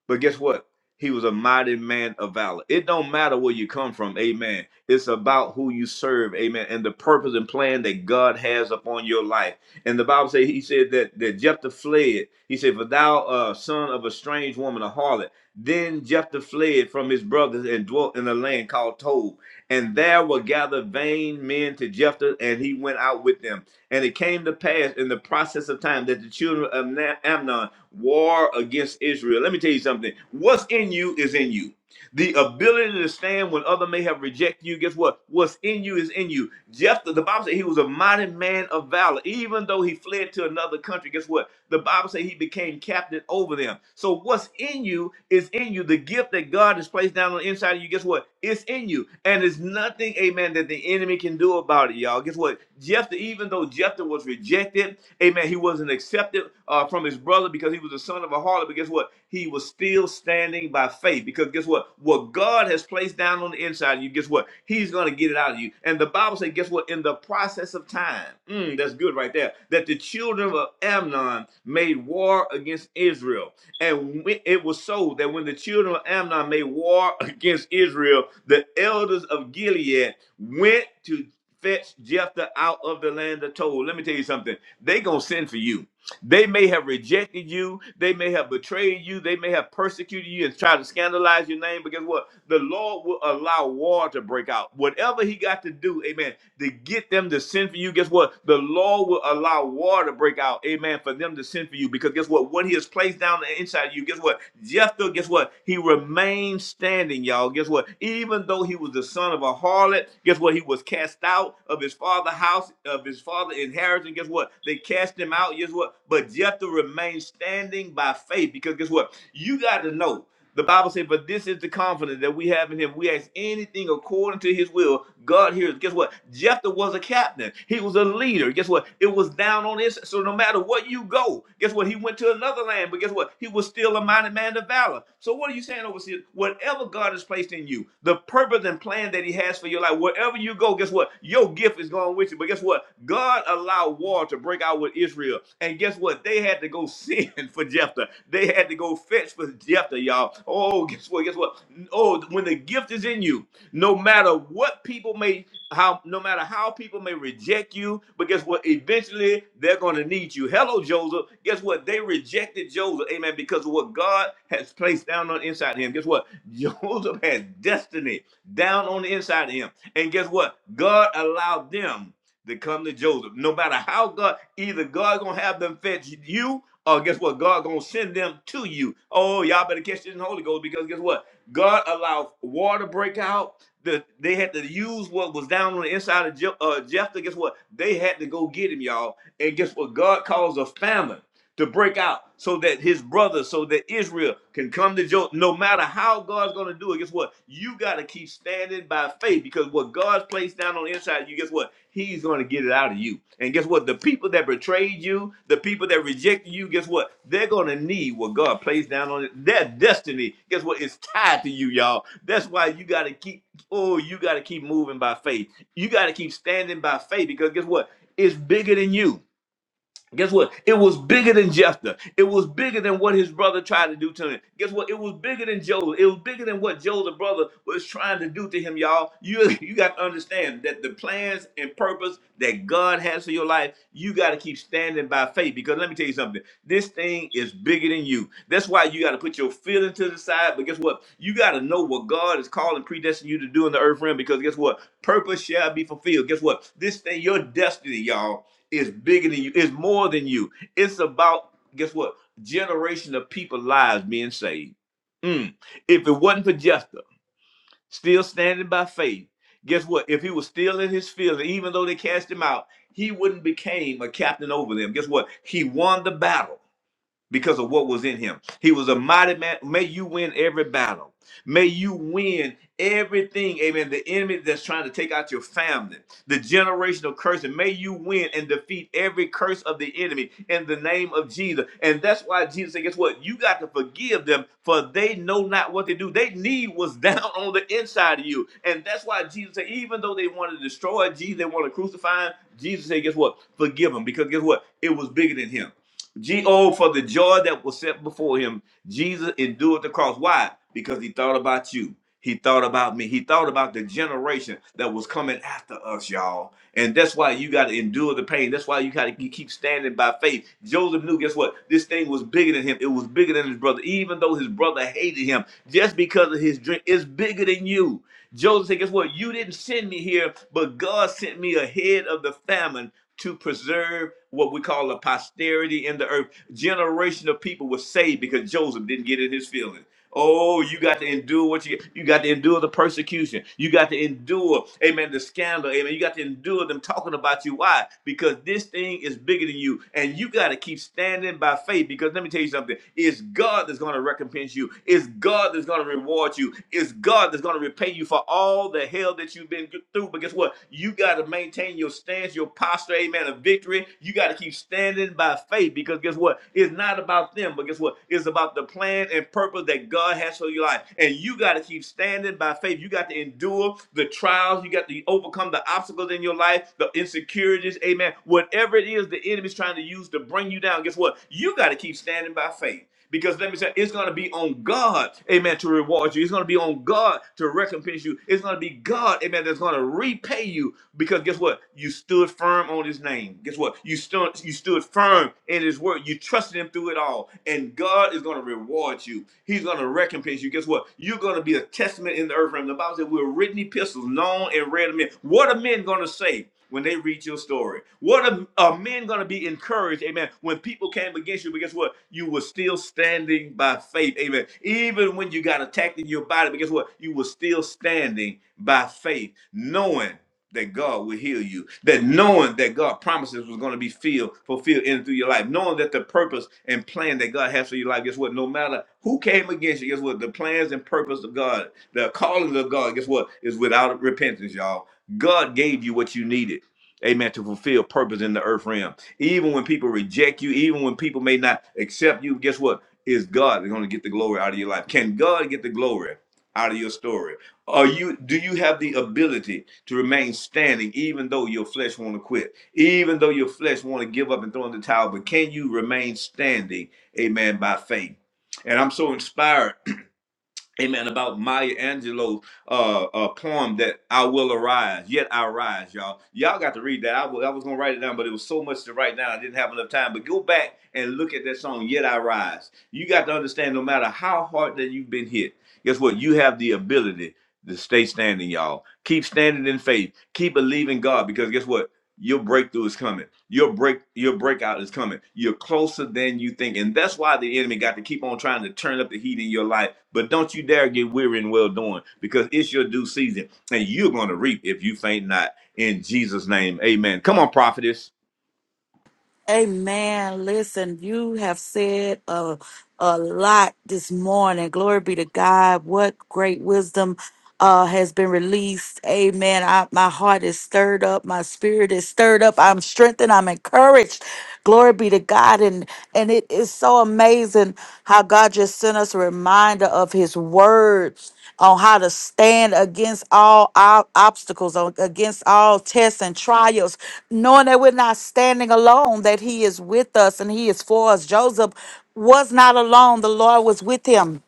[SPEAKER 1] But guess what? He was a mighty man of valor. It don't matter where you come from, amen. It's about who you serve, amen, and the purpose and plan that God has upon your life. And the Bible says he said that that Jephthah fled. He said, "For thou, uh, son of a strange woman, a harlot." Then Jephthah fled from his brothers and dwelt in a land called Tob. And there were gathered vain men to Jephthah, and he went out with them. And it came to pass in the process of time that the children of Na- Amnon war against Israel. Let me tell you something. What's in you is in you. The ability to stand when other may have rejected you. Guess what? What's in you is in you. Jephthah, the Bible said he was a mighty man of valor. Even though he fled to another country, guess what? The Bible said he became captain over them. So what's in you is in you. The gift that God has placed down on the inside of you, guess what? It's in you. And there's nothing, amen, that the enemy can do about it, y'all. Guess what? Jephthah, even though Jephthah was rejected, amen, he wasn't accepted uh, from his brother harlot because he was the son of a harlot. But guess what? He was still standing by faith because guess what? What God has placed down on the inside of you, guess what? He's going to get it out of you. And the Bible says, guess what? In the process of time, mm, that's good right there, that the children of Amnon made war against Israel. And it was so that when the children of Amnon made war against Israel, the elders of Gilead went to fetch Jephthah out of the land of Told. Let me tell you something. They gonna send for you. They may have rejected you. They may have betrayed you. They may have persecuted you and tried to scandalize your name. But guess what? The Lord will allow war to break out. Whatever He got to do, amen, to get them to send for you, guess what? The Lord will allow war to break out, amen, for them to send for you. Because guess what? What He has placed down the inside of you, guess what? Jephthah, guess what? He remained standing, y'all. Guess what? Even though he was the son of a harlot, guess what? He was cast out of his father's house. uh, of his father inheritance. Guess what? They cast him out. Guess what? But Jephthah remained standing by faith because guess what? You got to know. The Bible says, but this is the confidence that we have in him. We ask anything according to his will. God hears. Guess what? Jephthah was a captain. He was a leader. Guess what? It was down on his. So no matter what you go, guess what? He went to another land, but guess what? He was still a mighty man of valor. So what are you saying, overseer? Whatever God has placed in you, the purpose and plan that he has has for your life. Wherever you go, guess what? Your gift is going with you. But guess what? God allowed war to break out with Israel. And guess what? They had to go sin for Jephthah. They had to go fetch for Jephthah, y'all. Oh, guess what? Guess what? Oh, when the gift is in you, no matter what people may how no matter how people may reject you, but guess what? Eventually they're gonna need you. Hello, Joseph. Guess what? They rejected Joseph, amen, because of what God has placed down on inside him. Guess what? Joseph had destiny down on the inside of him. And guess what? God allowed them to come to Joseph. No matter how God, either God gonna have them fetch you, or guess what? God gonna send them to you. Oh, y'all better catch this in the Holy Ghost because guess what? God allowed water break out. The, they had to use what was down on the inside of Je- uh, Jephthah. Guess what? They had to go get him, y'all. And guess what? God caused a famine to break out so that his brothers, so that Israel can come to Joe. No matter how God's going to do it, guess what? You got to keep standing by faith because what God's placed down on the inside of you, guess what? He's going to get it out of you. And guess what? The people that betrayed you, the people that rejected you, guess what? They're going to need what God placed down on it. Their destiny, guess what? It's tied to you, y'all. That's why you got to keep, oh, you got to keep moving by faith. You got to keep standing by faith because guess what? It's bigger than you Guess what? It was bigger than Jephthah. It was bigger than what his brother tried to do to him. Guess what? It was bigger than Joel. It was bigger than what Joel, the brother, was trying to do to him, y'all. You, you got to understand that the plans and purpose that God has for your life, you got to keep standing by faith. Because let me tell you something. This thing is bigger than you. That's why you got to put your feelings to the side. But guess what? You got to know what God is calling, predestined you to do in the earth realm. Because guess what? Purpose shall be fulfilled. Guess what? This thing, your destiny, y'all. It's bigger than you. It's more than you. It's about guess what? Generation of people lives being saved. Mm. If it wasn't for Jephthah, still standing by faith, guess what? If he was still in his field, even though they cast him out, he wouldn't became a captain over them. Guess what? He won the battle because of what was in him. He was a mighty man. May you win every battle. May you win everything. Amen. The enemy that's trying to take out your family, the generational curse, and may you win and defeat every curse of the enemy in the name of Jesus. And that's why Jesus said, guess what? You got to forgive them for they know not what they do. They need what's down on the inside of you. And that's why Jesus said, even though they want to destroy Jesus, they want to crucify him, Jesus said, guess what? Forgive him because guess what? It was bigger than him. G.O. for the joy that was set before him, Jesus endured the cross. Why? Because he thought about you. He thought about me. He thought about the generation that was coming after us, y'all. And that's why you got to endure the pain. That's why you got to keep standing by faith. Joseph knew, guess what? This thing was bigger than him. It was bigger than his brother. Even though his brother hated him just because of his dream, it's bigger than you. Joseph said, guess what? You didn't send me here, but God sent me ahead of the famine to preserve what we call a posterity in the earth. Generation of people were saved because Joseph didn't get in his feelings. Oh, you got to endure what you you got to endure the persecution. You got to endure, amen, the scandal. Amen. You got to endure them talking about you. Why? Because this thing is bigger than you. And you got to keep standing by faith. Because let me tell you something. It's God that's going to recompense you. It's God that's going to reward you. It's God that's going to repay you for all the hell that you've been through. But guess what? You got to maintain your stance, your posture, amen, of victory. You got to keep standing by faith because guess what? It's not it's not about them, but guess what? It's about the plan and purpose that God has for your life. And you got to keep standing by faith. You got to endure the trials. You got to overcome the obstacles in your life, the insecurities. Amen. Whatever it is the enemy's trying to use to bring you down, guess what? You got to keep standing by faith. Because let me say, it's going to be on God, amen, to reward you. It's going to be on God to recompense you. It's going to be God, amen, that's going to repay you. Because guess what? You stood firm on His name. Guess what? You stood, you stood firm in His word. You trusted Him through it all, and God is going to reward you. He's going to recompense you. Guess what? You're going to be a testament in the earth realm. The Bible said, we're written epistles, known and read of men. What are men going to say? when they read your story? What are, are men going to be encouraged, amen, when people came against you? But guess what? You were still standing by faith, amen. Even when you got attacked in your body, but guess what? You were still standing by faith, knowing that God will heal you, that knowing that God promises was going to be filled, fulfilled in and through your life, knowing that the purpose and plan that God has for your life, guess what? No matter who came against you, guess what? The plans and purpose of God, the calling of God, guess what? Is without repentance, y'all. God gave you what you needed, amen, to fulfill purpose in the earth realm. Even when people reject you, even when people may not accept you, guess what? Is God going to get the glory out of your life? Can God get the glory out of your story? Are you do you have the ability to remain standing even though your flesh want to quit? Even though your flesh want to give up and throw in the towel, but can you remain standing, amen, by faith? And I'm so inspired amen about maya angelou's uh, uh poem that i will arise yet i rise y'all y'all got to read that I wa- I was gonna write it down but it was so much to write down i didn't have enough time but go back and look at that song yet i rise you got to understand no matter how hard that you've been hit guess what you have the ability to stay standing y'all keep standing in faith keep believing god because guess what your breakthrough is coming your break your breakout is coming you're closer than you think and that's why the enemy got to keep on trying to turn up the heat in your life but don't you dare get weary and well doing because it's your due season and you're going to reap if you faint not in jesus name amen come on prophetess
[SPEAKER 2] Amen. Listen, you have said a, a lot this morning. Glory be to God. What great wisdom uh, has been released. Amen. I, my heart is stirred up. My spirit is stirred up. I'm strengthened. I'm encouraged. Glory be to God. And and it is so so amazing how God just sent us a reminder of His word on how to stand against all our obstacles, on- against all tests and trials, knowing that we're not standing alone, that He is with us and He is for us. Joseph was not alone, the Lord was with him.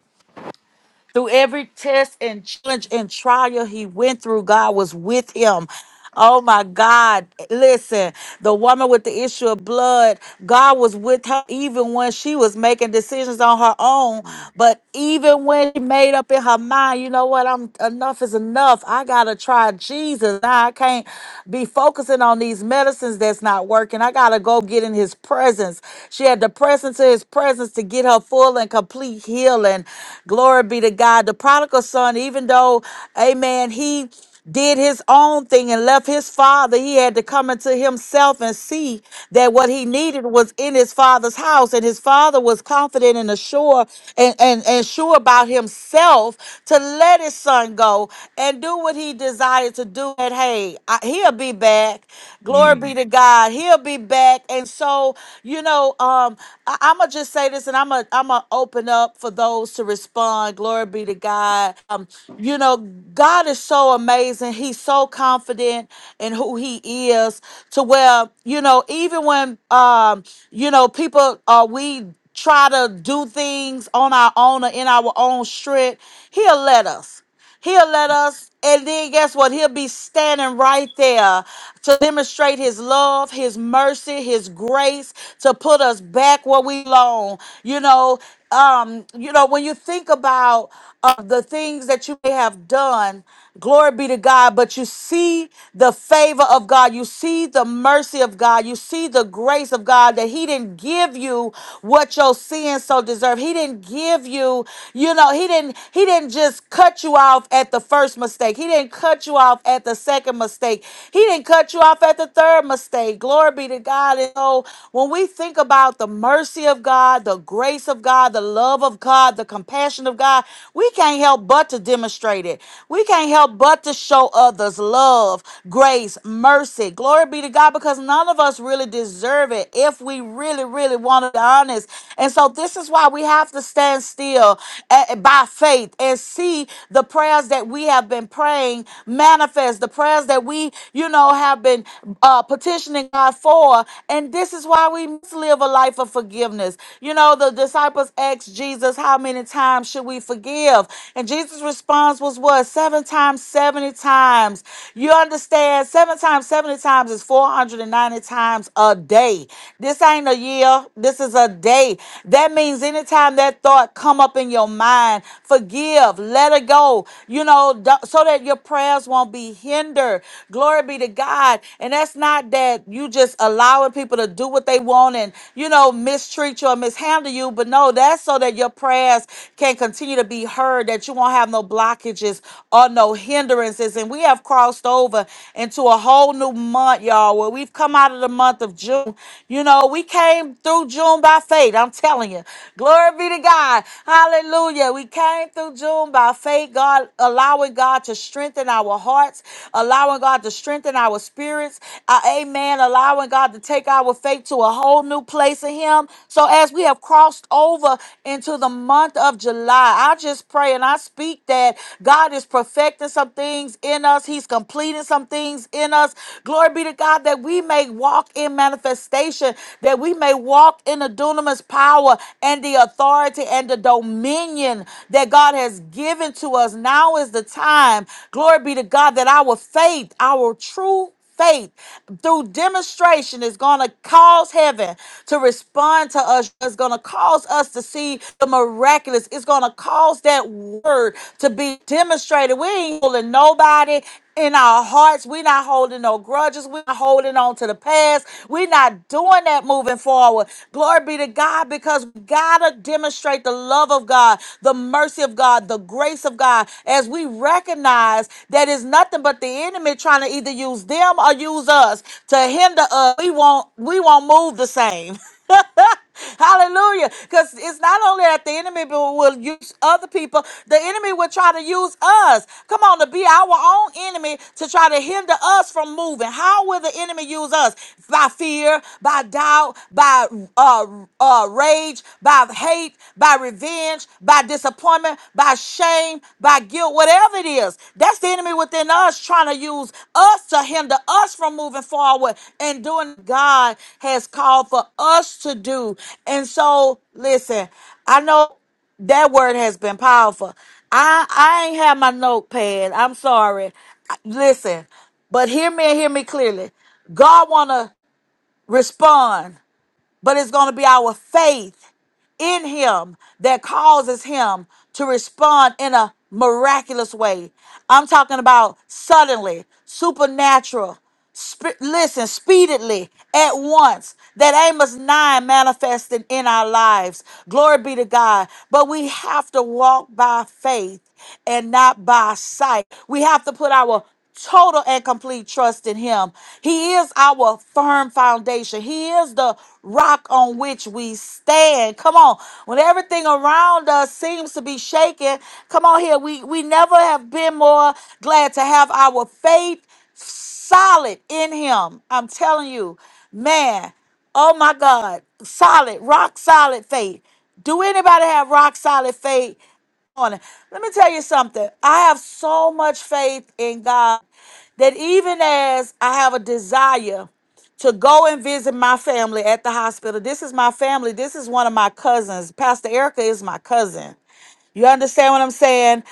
[SPEAKER 2] Through every test and challenge and trial he went through, God was with him. Oh my God. Listen, the woman with the issue of blood, God was with her even when she was making decisions on her own.
[SPEAKER 1] Mm.
[SPEAKER 2] But even when she made up in her mind, you know what? I'm enough is enough. I gotta try Jesus. Now I can't be focusing on these medicines that's not working. I gotta go get in his presence. She had to press into his presence to get her full and complete healing. Glory be to God. The prodigal son, even though, amen, he did his own thing and left his father, he had to come into himself and see that what he needed was in his father's house. And his father was confident and assured and, and, and sure about himself to let his son go and do what he desired to do. And hey, I, he'll be back. Glory
[SPEAKER 1] Mm.
[SPEAKER 2] be to God. He'll be back. And so, you know, um, I, I'm going to just say this and I'm going to I'm going to open up for those to needs to respond. Glory be to God. Um, you know, God is so amazing. He's so confident in who he is to where, you know, even when um, you know, people uh we try to do things on our own or in our own strength, he'll let us. He'll let us, and then guess what? He'll be standing right there to demonstrate his love, his mercy, his grace, to put us back where we belong. You know, um, you know, when you think about uh, the things that you may have done, Glory be to God. But you see the favor of God. You see the mercy of God. You see the grace of God that He didn't give you what your sins so deserve. He didn't give you, you know, He didn't, He didn't just cut you off at the first mistake. He didn't cut you off at the second mistake. He didn't cut you off at the third mistake. Glory be to God. And so when we think about the mercy of God, the grace of God, the love of God, the compassion of God, we can't help but to demonstrate demonstrated. We can't help but to show others love, grace, mercy. Glory be to God because none of us really deserve it if we really, really want to be honest. And so this is why we have to stand still eh, eh, by faith and see the prayers that we have been praying manifest, the prayers that we, you know, have been uh, petitioning God for. And this is why we must live a life of forgiveness. You know, the disciples asked Jesus, How many times should we forgive? forgive. And Jesus' response was what? Seven times, 70 times. You understand? Seven times, 70 times is 490 times a day. This ain't a year. This is a day. That means anytime that thought come up in your mind, forgive, let it go, you know, don't- so that your prayers won't be hindered. Glory be to God. And that's not that you just allowing people to do what they want and, you know, mistreat you or mishandle you, but no, that's so that your prayers can continue to be heard, that you won't have no blockages or no hindrances. And we have crossed over into a whole new month, y'all, where we've come out of the month of June. You know, we came through June by faith. I'm telling you. Glory be to God. Hallelujah. We came through June by faith, God, allowing God to strengthen our hearts, allowing God to strengthen our spirits. Uh, amen. Allowing God to take our faith to a whole new place in Him. So as we have crossed over, well into the month of July. I just pray and I speak that God is perfecting some things in us, He's completing some things in us. Glory be to God that we may walk in manifestation, that we may walk in the dunamis power and the authority and the dominion that God has given to us. Now is the time, glory be to God, that our faith, our true faith through demonstration is going to cause heaven to respond to us. It's going to cause us to see the miraculous. It's going to cause that word to be demonstrated. We ain't holding nobody in our hearts. We're not holding no grudges. We're not holding on to the past this. We're not doing that moving forward. Glory be to God because we gotta demonstrate the love of God, the mercy of God, the grace of God, as we recognize that it's nothing but the enemy trying to either use them or use us to hinder us. We won't we won't move the same. Hallelujah. Because it's not only that the enemy will use other people, the enemy will try to use us. Come on, to be our own enemy to try to hinder us from moving. How will the enemy use us? By fear, by doubt, by uh, uh, rage, by hate, by revenge, by disappointment, by shame, by guilt. Whatever it is, that's the enemy within us trying to use us to hinder us from moving forward and doing what God has called for us to do. And so, listen, I know that word has been powerful. I I ain't have my notepad. I'm sorry. I- Listen, but hear me and hear me clearly. God wanna respond but it's going to be our faith in him that causes him to respond in a miraculous way. I'm talking about suddenly, supernatural, sp- listen, speedily, at once, that Amos 9 manifested in our lives. Glory be to God. But we have to walk by faith and not by sight. We have to put our total and complete trust in him. He is our firm foundation. He is the rock on which we stand. Come on. When everything around us seems to be shaken, come on here. We we never have been more glad to have our faith solid in him. I'm telling you, man. Oh my God. Solid, rock solid faith. Do anybody have rock solid faith? morning. Let me tell you something. I have so much faith in God that even as I have a desire to go and visit my family at the hospital, this is my family. This is one of my cousins. Pastor Erica is my cousin. You understand what I'm saying?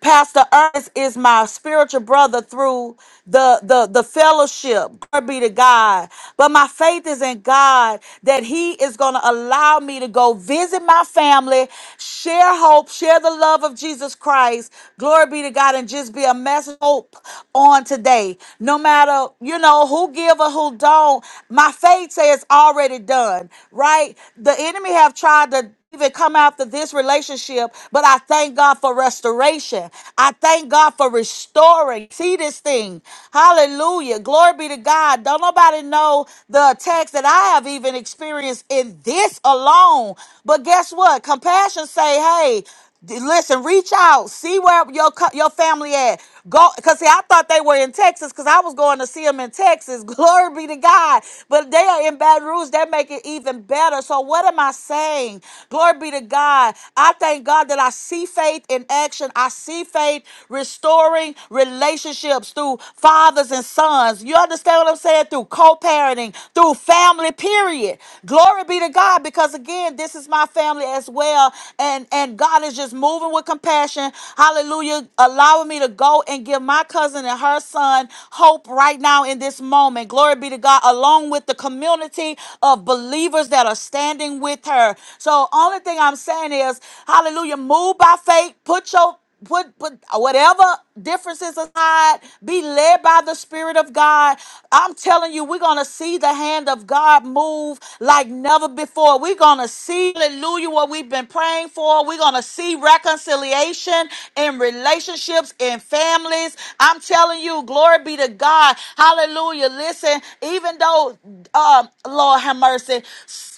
[SPEAKER 2] Pastor Ernest is my spiritual brother through the, the, the fellowship. Glory be to God. But my faith is in God that He is going to allow me to go visit my family, share hope, share the love of Jesus Christ. Glory be to God, and just be a message of hope on today. No matter, you know, who give or who don't, my faith says it's already done, right? The enemy have tried to even come after this relationship, but I thank God for restoration. I thank God for restoring. See this thing. Hallelujah. Glory be to God. Don't nobody know the attacks that I have even experienced in this alone. But guess what? Compassion say, hey, D- Listen, reach out, see where your co- your family at. Go, cause see, I thought they were in Texas, cause I was going to see them in Texas. Glory be to God, but they are in Baton Rouge. They make it even better. So what am I saying? Glory be to God. I thank God that I see faith in action. I see faith restoring relationships through fathers and sons. You understand what I'm saying? Through co-parenting, through family. Period. Glory be to God, because again, this is my family as well and and God is just moving with compassion. Hallelujah, allowing me to go and give my cousin and her son hope right now in this moment. Glory be to God, along with the community of believers that are standing with her. So only thing I'm saying is, Hallelujah, move by faith. Put your put put whatever differences aside, be led by the Spirit of God. I'm telling you, we're going to see the hand of God move like never before. We're going to see, hallelujah, what we've been praying for. We're going to see reconciliation in relationships, in families. I'm telling you, glory be to God. Hallelujah. Listen, even even though um Lord have mercy,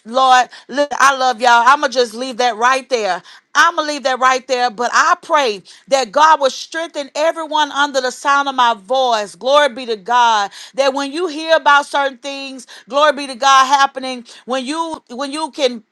[SPEAKER 2] Lord, look, I love y'all. I'ma just leave that right there. I'ma leave that right there. But I pray that God will strengthen everyone under the sound of my voice. Glory be to God. That when you hear about certain things, glory be to God happening, when you when you can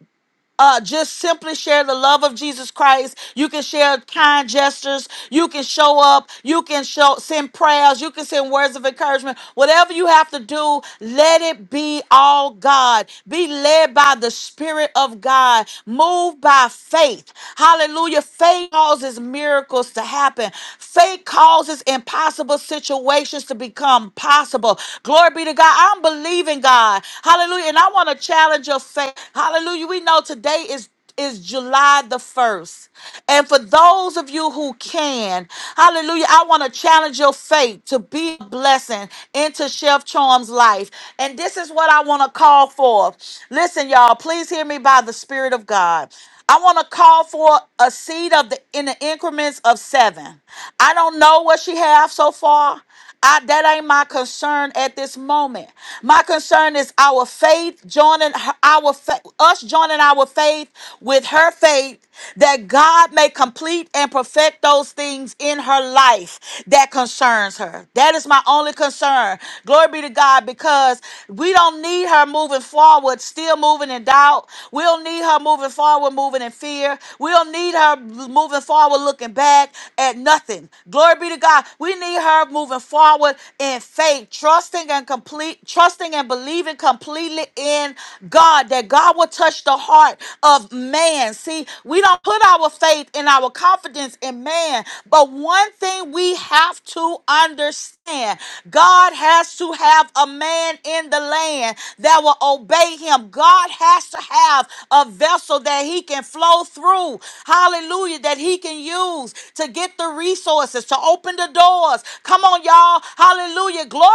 [SPEAKER 2] uh, just simply share the love of Jesus Christ. You can share kind gestures. You can show up. You can show send prayers. You can send words of encouragement. Whatever you have to do, let it be all God. Be led by the Spirit of God. Move by faith. Hallelujah. Faith causes miracles to happen. Faith causes impossible situations to become possible. Glory be to God. I'm believing God. God. Hallelujah. And I want to challenge your faith. Hallelujah. We know today is is July the 1st. And for those of you who can, hallelujah, I want to challenge your faith to be a blessing into Chef Charm's life. And this is what I want to call for. Listen, y'all, please hear me by the Spirit of God. I want to call for a seed of the in the increments of seven. I don't know what she have so far. I, that ain't my concern at this moment. My concern is our faith joining her- our fa- us joining our faith with her faith that God may complete and perfect those things in her life that concerns her. That is my only concern. Glory be to God because we don't need her moving forward still moving in doubt. We don't need her moving forward moving in fear. We don't need her moving forward looking back back at nothing. Glory be to God. We need her moving forward in faith, trusting and complete, trusting and believing completely in God that God will touch the heart of man. See, we don't put our faith and our confidence in man, but one thing we have to understand land. God has to have a man in the land that will obey him. God has to have a vessel that he can flow through. Hallelujah. That he can use to get the resources, to open the doors. Come on, y'all. Hallelujah. Glory.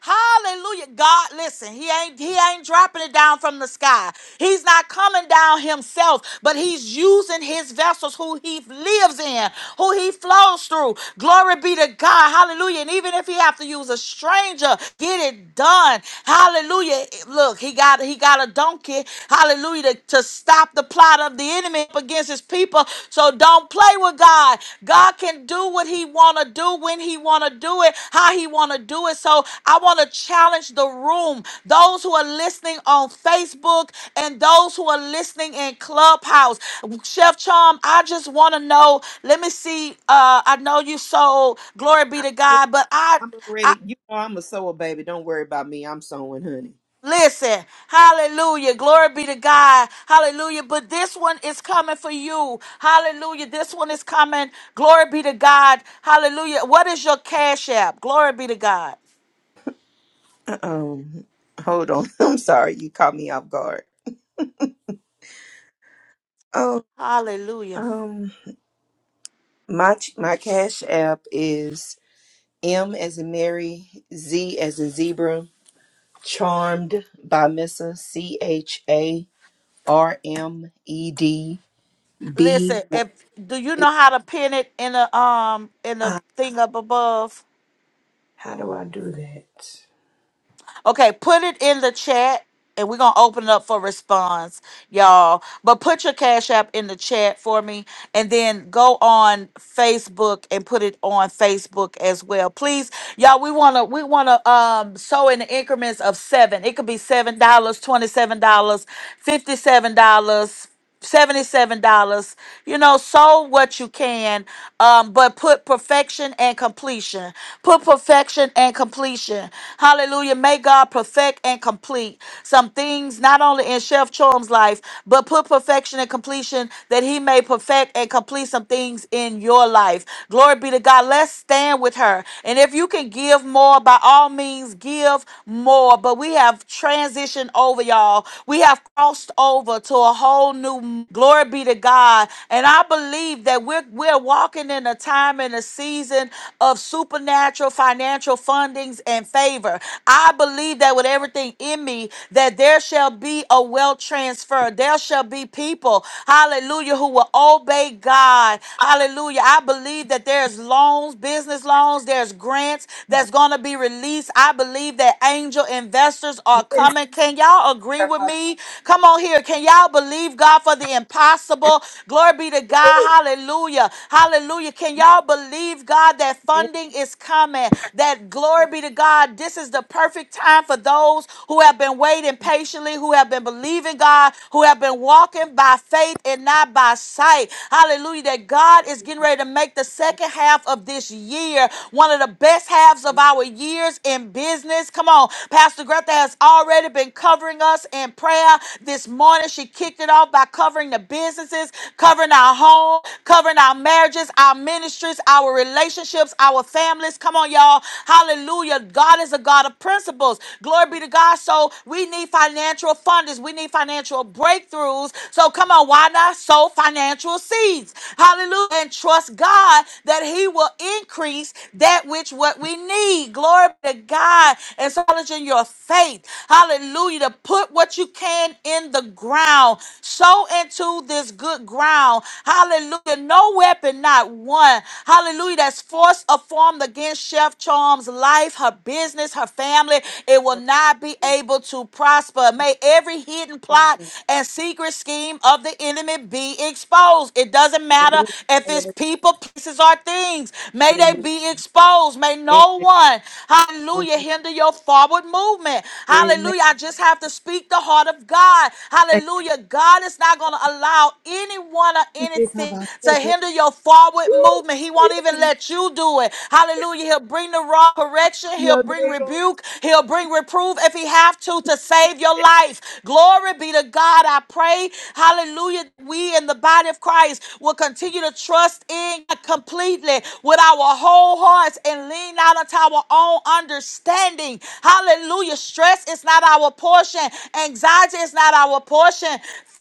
[SPEAKER 2] Hallelujah. God, listen, he ain't he ain't dropping it down down from the sky. He's not coming down himself, but he's using his vessels who he lives in, who he flows through. Glory be to God. Hallelujah. And even if he have to use a stranger, get it done. Hallelujah. Look, he got he got a donkey. Hallelujah. To, to stop the plot of the enemy up against his people. So don't don't play with God. God can do what he want to do when he want to do it, how he want to do it. So I want to challenge the room, those who are listening on Facebook and those who are listening in Clubhouse. Chef Charm, I just want to know, let me see uh I know you sold glory be to
[SPEAKER 4] I'm
[SPEAKER 2] God, but I I
[SPEAKER 4] already, you know, I'm a sewer baby. Don't worry about me. I'm sewing, honey.
[SPEAKER 2] Listen, hallelujah. Glory be to God. Hallelujah. But this one is coming for you. Hallelujah. This one is coming. Glory be to God. Hallelujah. What is your cash app? Glory be to God.
[SPEAKER 4] Oh, hold on. I'm sorry, you caught me off guard. Oh,
[SPEAKER 2] Hallelujah.
[SPEAKER 4] um, my my cash app is M as a Mary, Z as a zebra, charmed by Missa C H A R M E D B.
[SPEAKER 2] Listen, if do you know how to pin it in the um in the thing up above?
[SPEAKER 4] How do I do that?
[SPEAKER 2] Okay, put it in the chat and we're going to open it up for response, y'all. But put your Cash App in the chat for me and then go on Facebook and put it on Facebook as well. Please, y'all, we want to we want to um sow in the increments of 7. It could be $7, dollars, $27, dollars, $57, $77 you know sow what you can um but put perfection and completion put perfection and completion hallelujah may god perfect and complete some things not only in chef chorum's life but put perfection and completion that he may perfect and complete some things in your life glory be to god let's stand with her and if you can give more by all means give more but we have transitioned over y'all we have crossed over over to a whole new glory be to God. And I believe that we're we're walking in a time and a season of supernatural financial fundings and favor. I believe that with everything in me, that there shall be a wealth transfer. There shall be people, hallelujah, who will obey God. Hallelujah. I believe that there's loans, business loans, there's grants that's going to be released. I believe that angel investors are coming. Can y'all agree? agree with me? Come on here. Can y'all believe God for the impossible? Glory be to God. Hallelujah. Hallelujah. Can y'all believe God that funding is coming? That glory be to God. This is the perfect time for those who have been waiting patiently, who have been believing God, who have been walking by faith and not by sight. Hallelujah. That God is getting ready to make the second half of this year one of the best halves of our years in business. Come on. Pastor Greta has already been covering us in prayer. This morning, she kicked it off by covering the businesses, covering our home, covering our marriages, our ministries, our relationships, our families. Come on, y'all. Hallelujah. God is a God of principles. Glory be to God. So we need financial funders. We need financial breakthroughs. So come on, why not sow financial seeds? Hallelujah. And trust God that He will increase that which what we need. Glory be to God. And so challenging your faith. Hallelujah. To put what you can in the ground. Sow into this good ground. Hallelujah. No weapon, not one. Hallelujah. That's forced or formed against Chef Charm's life, her business, her family. It will not be able to prosper. May every hidden plot and secret scheme of the enemy be exposed. It doesn't matter if it's people, places, or things. May they be exposed. May no
[SPEAKER 4] Yes.
[SPEAKER 2] one, Hallelujah. Hinder your forward movement.
[SPEAKER 4] Amen.
[SPEAKER 2] Hallelujah. I just have to speak the heart of God. Hallelujah. God is not going to allow anyone or anything to hinder your forward movement. He won't even let you do it. Hallelujah. He'll bring the wrong correction. He'll bring rebuke. He'll bring reproof if he have to to save your life. Glory be to God. I pray. Hallelujah. We in the body of Christ will continue to trust in God completely with our whole hearts and lean lean not unto our own understanding. Hallelujah. Stress is not our portion. Anxiety is not our portion.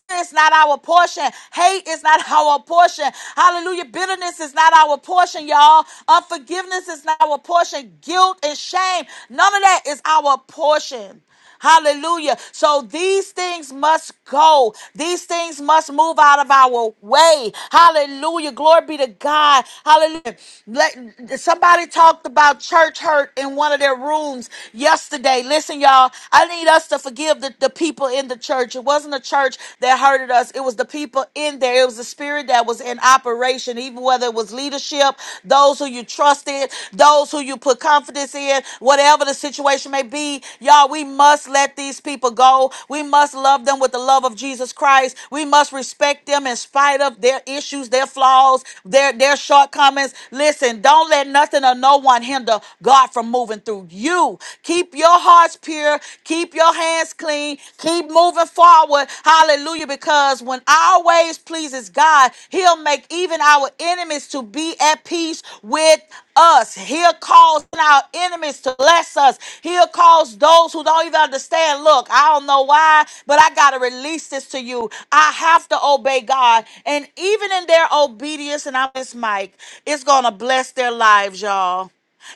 [SPEAKER 2] Fear is not our portion. Hate is not our portion. Hallelujah. Bitterness is not our portion, y'all. Unforgiveness is not our portion. Guilt and shame, none of that is our portion. Hallelujah. So these things must go. These things must move out of our way. Hallelujah. Glory be to God. Hallelujah. Let, somebody talked about church hurt in one of their rooms yesterday. Listen, y'all, I need us to forgive the, the people in the church. It wasn't the church that hurted us, it was the people in there. It was the spirit that was in operation, even whether it was leadership, those who you trusted, those who those who you put confidence in, whatever the situation may be. Y'all, we must let these people go. We must love them with the love of Jesus Christ. We must respect them in spite of their issues, their flaws, their, their shortcomings. Listen, don't let nothing or no one hinder God from moving through you. Keep your hearts pure. Keep your hands clean. Keep moving forward. Hallelujah. Because when our ways pleases God, He'll make even our enemies to be at peace with us. He'll cause our enemies to bless us. He'll cause those who don't even understand. Look, I don't know why, but I got to release this to you. I have to obey God. And even in their obedience, and I'm this mic, it's going to bless their lives, y'all.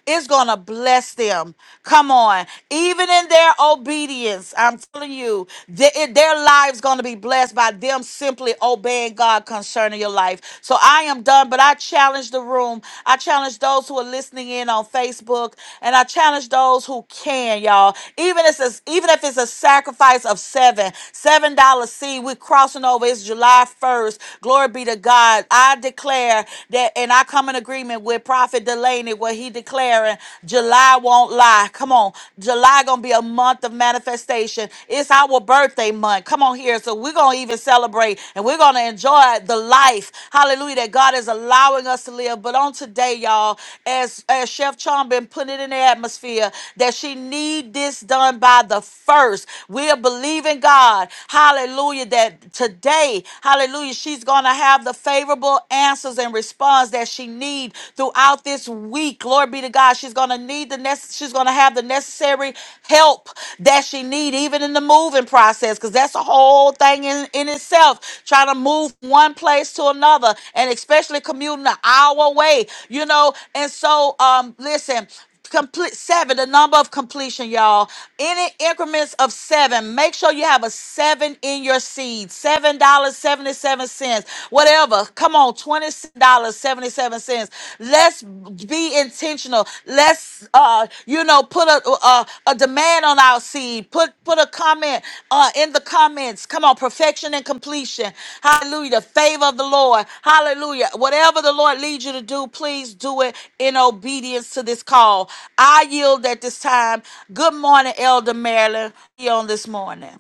[SPEAKER 2] It's going to bless them. Come on. Even in their obedience, I'm telling you, th- it- their lives going to be blessed by them simply obeying God concerning your life. So I am done, but I challenge the room. I challenge those who are listening in on Facebook, and I challenge those who can, y'all. Even if it's a, even if it's a sacrifice of seven, seven dollar seed, we're crossing over. It's July 1st. Glory be to God. I declare that, and I come come in agreement with Prophet Delaney where he declaring July won't lie. Come on. July gonna be a month of manifestation. It's our birthday month. Come on here. So we're gonna even celebrate and we're gonna enjoy the life. Hallelujah. That God is allowing us to live. But on today, y'all, as as Chef Chong been putting it in the atmosphere that she need this done by the first. We're believing God. Hallelujah. That today, hallelujah, she's gonna have the the favorable answers and response that she need throughout this week. Glory be to God. She's gonna need the nec- she's gonna have the necessary help that she need, even in the moving process, because that's a whole thing in, in itself. Trying to move one place to another and especially commuting an hour away, you know. And so um listen complete seven the number of completion y'all any increments of seven make sure you have a seven in your seed seven dollars 77 cents whatever come on 20 dollars 77 cents let's be intentional let's uh you know put a, a a demand Stand on our seed. Put put a comment uh, in the comments. Come on, perfection and completion. Hallelujah. The favor of the Lord. Hallelujah. Whatever the Lord leads you to do, please do it in obedience to this call. I yield at this time. Good morning, Elder Marilyn. You on this morning.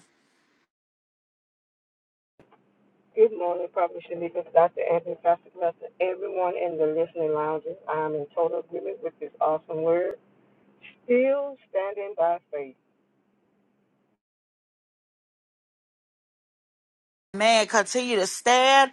[SPEAKER 5] Good morning, Prophet Shalika, Dr. Anthony, Pastor Lester, everyone in the listening lounges. I am in total agreement with this awesome word. Still standing by faith.
[SPEAKER 2] Man, continue to stand.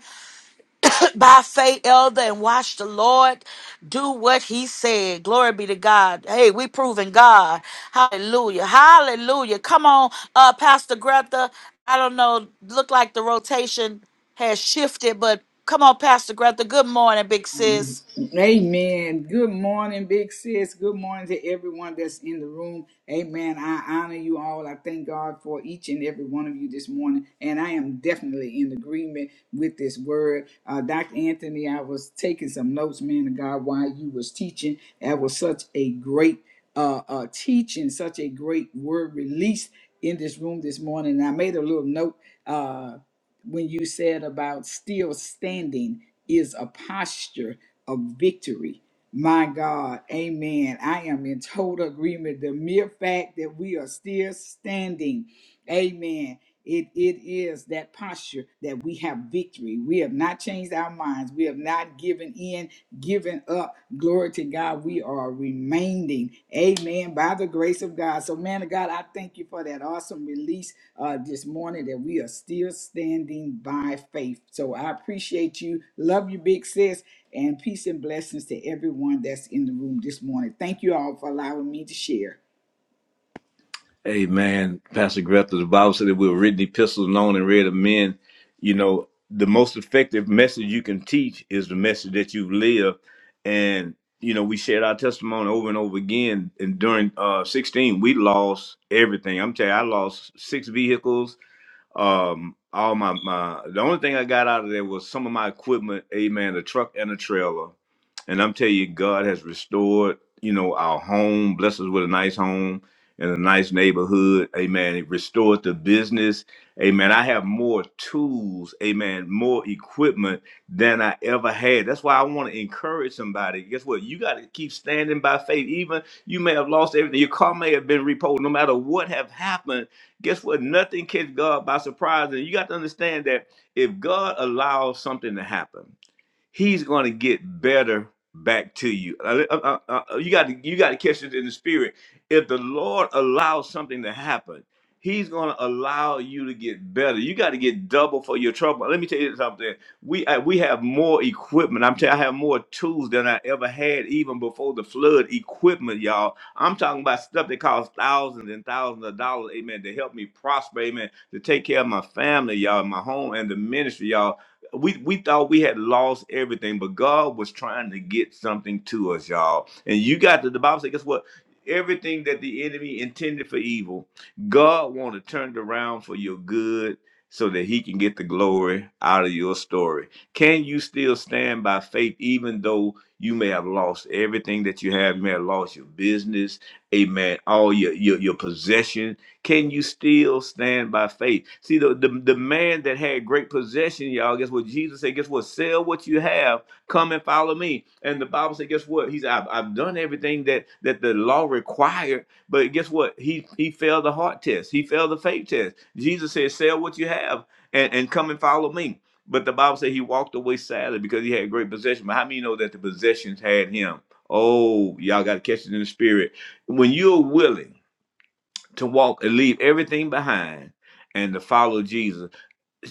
[SPEAKER 2] by faith, elder, and watch the Lord do what he said. Glory be to God. Hey, we proving God. Hallelujah. Hallelujah. Come on, uh, Pastor Greta. I don't know. Look like the rotation has shifted, but come on, Pastor Greta. Good morning, big sis.
[SPEAKER 3] Amen. Good morning, big sis. Good morning to everyone that's in the room. Amen. I honor you all. I thank God for each and every one of you this morning. And I am definitely in agreement with this word. Uh, Dr. Anthony, I was taking some notes, man of God, while you was teaching. That was such a great uh, uh, teaching, such a great word released in this room this morning. And I made a little note uh, when you said about still standing is a posture of victory. My God, amen. I am in total agreement. The mere fact that we are still standing, amen. It, it is that posture that we have victory. We have not changed our minds. We have not given in, given up Glory to God. We are remaining, amen, by the grace of God. So, man of God, I thank you for that awesome release uh, this morning that we are still standing by faith. So, I appreciate you. Love you, big sis, and peace and blessings to everyone that's in the room this morning. Thank you all for allowing me to share.
[SPEAKER 1] Amen. Pastor Grethel, the Bible said that we were written epistles known and read of men. You know, the most effective message you can teach is the message that you've lived. And, you know, we shared our testimony over and over again. And during uh 16, we lost everything. I'm telling you, I lost six vehicles um, all my, my the only thing I got out of there was some of my equipment, amen, a truck and a trailer. And I'm telling you, God has restored, you know, our home, blessed us with a nice home and a nice neighborhood. Amen. He restored the business. Amen. I have more tools, amen, more equipment than I ever had. That's why I want to encourage somebody. Guess what? You got to keep standing by faith. Even you may have lost everything. Your car may have been repoed. No matter what have happened Guess what? Nothing catch God by surprise. And you got to understand that if God allows something to happen, he's going to get better back to you. Uh, uh, uh, uh, You got to you got to catch it in the spirit. If the Lord allows something to happen, He's going to allow you to get better. You got to get double for your trouble. Let me tell you something. We I, we have more equipment. I'm telling you, I have more tools than I ever had even before the flood. Equipment, y'all. I'm talking about stuff that costs thousands and thousands of dollars. Amen. To help me prosper. Amen. To take care of my family, y'all, my home, and the ministry, y'all we we thought we had lost everything, but God was trying to get something to us, y'all. And you got to the Bible Say, guess what? Everything that the enemy intended for evil, God want to turn it around for your good so that he can get the glory out of your story. Can you still stand by faith even though you may have lost everything that you have? You may have lost your business, amen, all your your, your possessions can you still stand by faith? See, the, the, the man that had great possession, y'all, guess what? Jesus said, guess what? Sell what you have, come and follow me. And the Bible said, guess what? He said, I've, I've done everything that, that the law required, but guess what? He, he failed the heart test. He failed the faith test. Jesus said, sell what you have and, and come and follow me. But the Bible said he walked away sadly because he had great possession. But how many know that the possessions had him? Oh, y'all got to catch it in the spirit. When you're willing to walk and leave everything behind and to follow Jesus.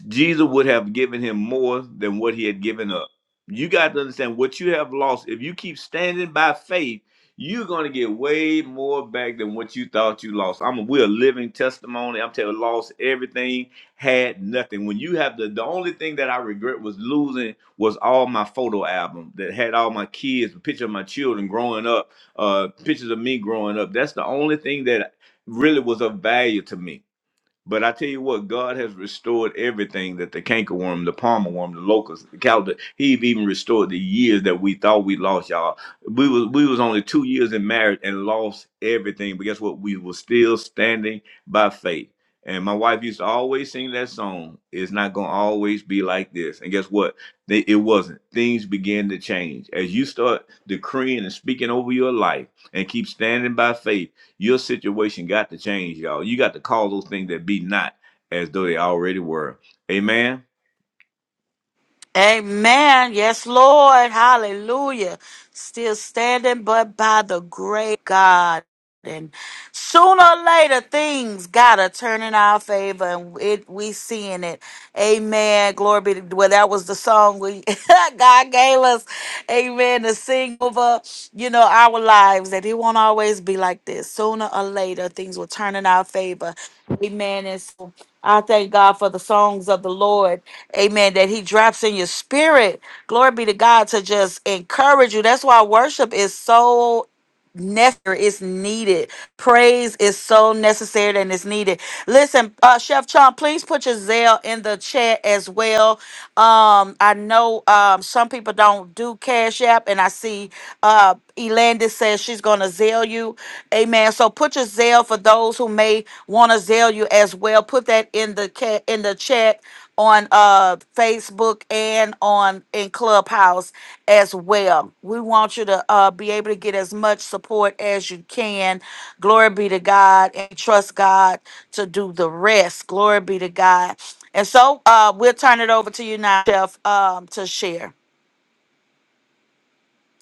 [SPEAKER 1] Jesus would have given him more than what he had given up. You got to understand what you have lost. If you keep standing by faith, you're going to get way more back than what you thought you lost. I'm we're a living testimony. I'm telling you, lost everything, had nothing. When you have the the only thing that I regret was losing was all my photo album that had all my kids, a picture of my children growing up, uh, pictures of me growing up. That's the only thing that really was of value to me but I tell you what, God has restored everything that the cankerworm, the palmer worm, the locust, the calendar. He even restored the years that we thought we lost, y'all. We was we was only two years in marriage and lost everything. But guess what? We were still standing by faith. And my wife used to always sing that song. It's not gonna always be like this. And guess what? They, it wasn't. Things began to change as you start decreeing and speaking over your life and keep standing by faith your situation got to change, y'all. You got to call those things that be not as though they already were. Amen.
[SPEAKER 2] Amen. Yes, Lord. Hallelujah. Still standing, but by the great God. And sooner or later, things gotta turn in our favor, and it we seeing it. Amen. Glory be to. Well, that was the song we God gave us amen, to sing over, you know, our lives that it won't always be like this. Sooner or later, things will turn in our favor. Amen. And so I thank God for the songs of the Lord. Amen. That He drops in your spirit. Glory be to God to just encourage you. That's why worship is so necessary it's needed praise is so necessary and it's needed listen uh chef Chon, please put your zeal in the chat as well um i know um some people don't do cash app and i see uh elandis says she's gonna zeal you amen so put your zeal for those who may want to zeal you as well put that in the cat in the chat on uh Facebook and on in Clubhouse as well. We want you to uh be able to get as much support as you can. Glory be to God and trust God to do the rest. Glory be to God. And so uh we'll turn it over to you now, Chef, um, to share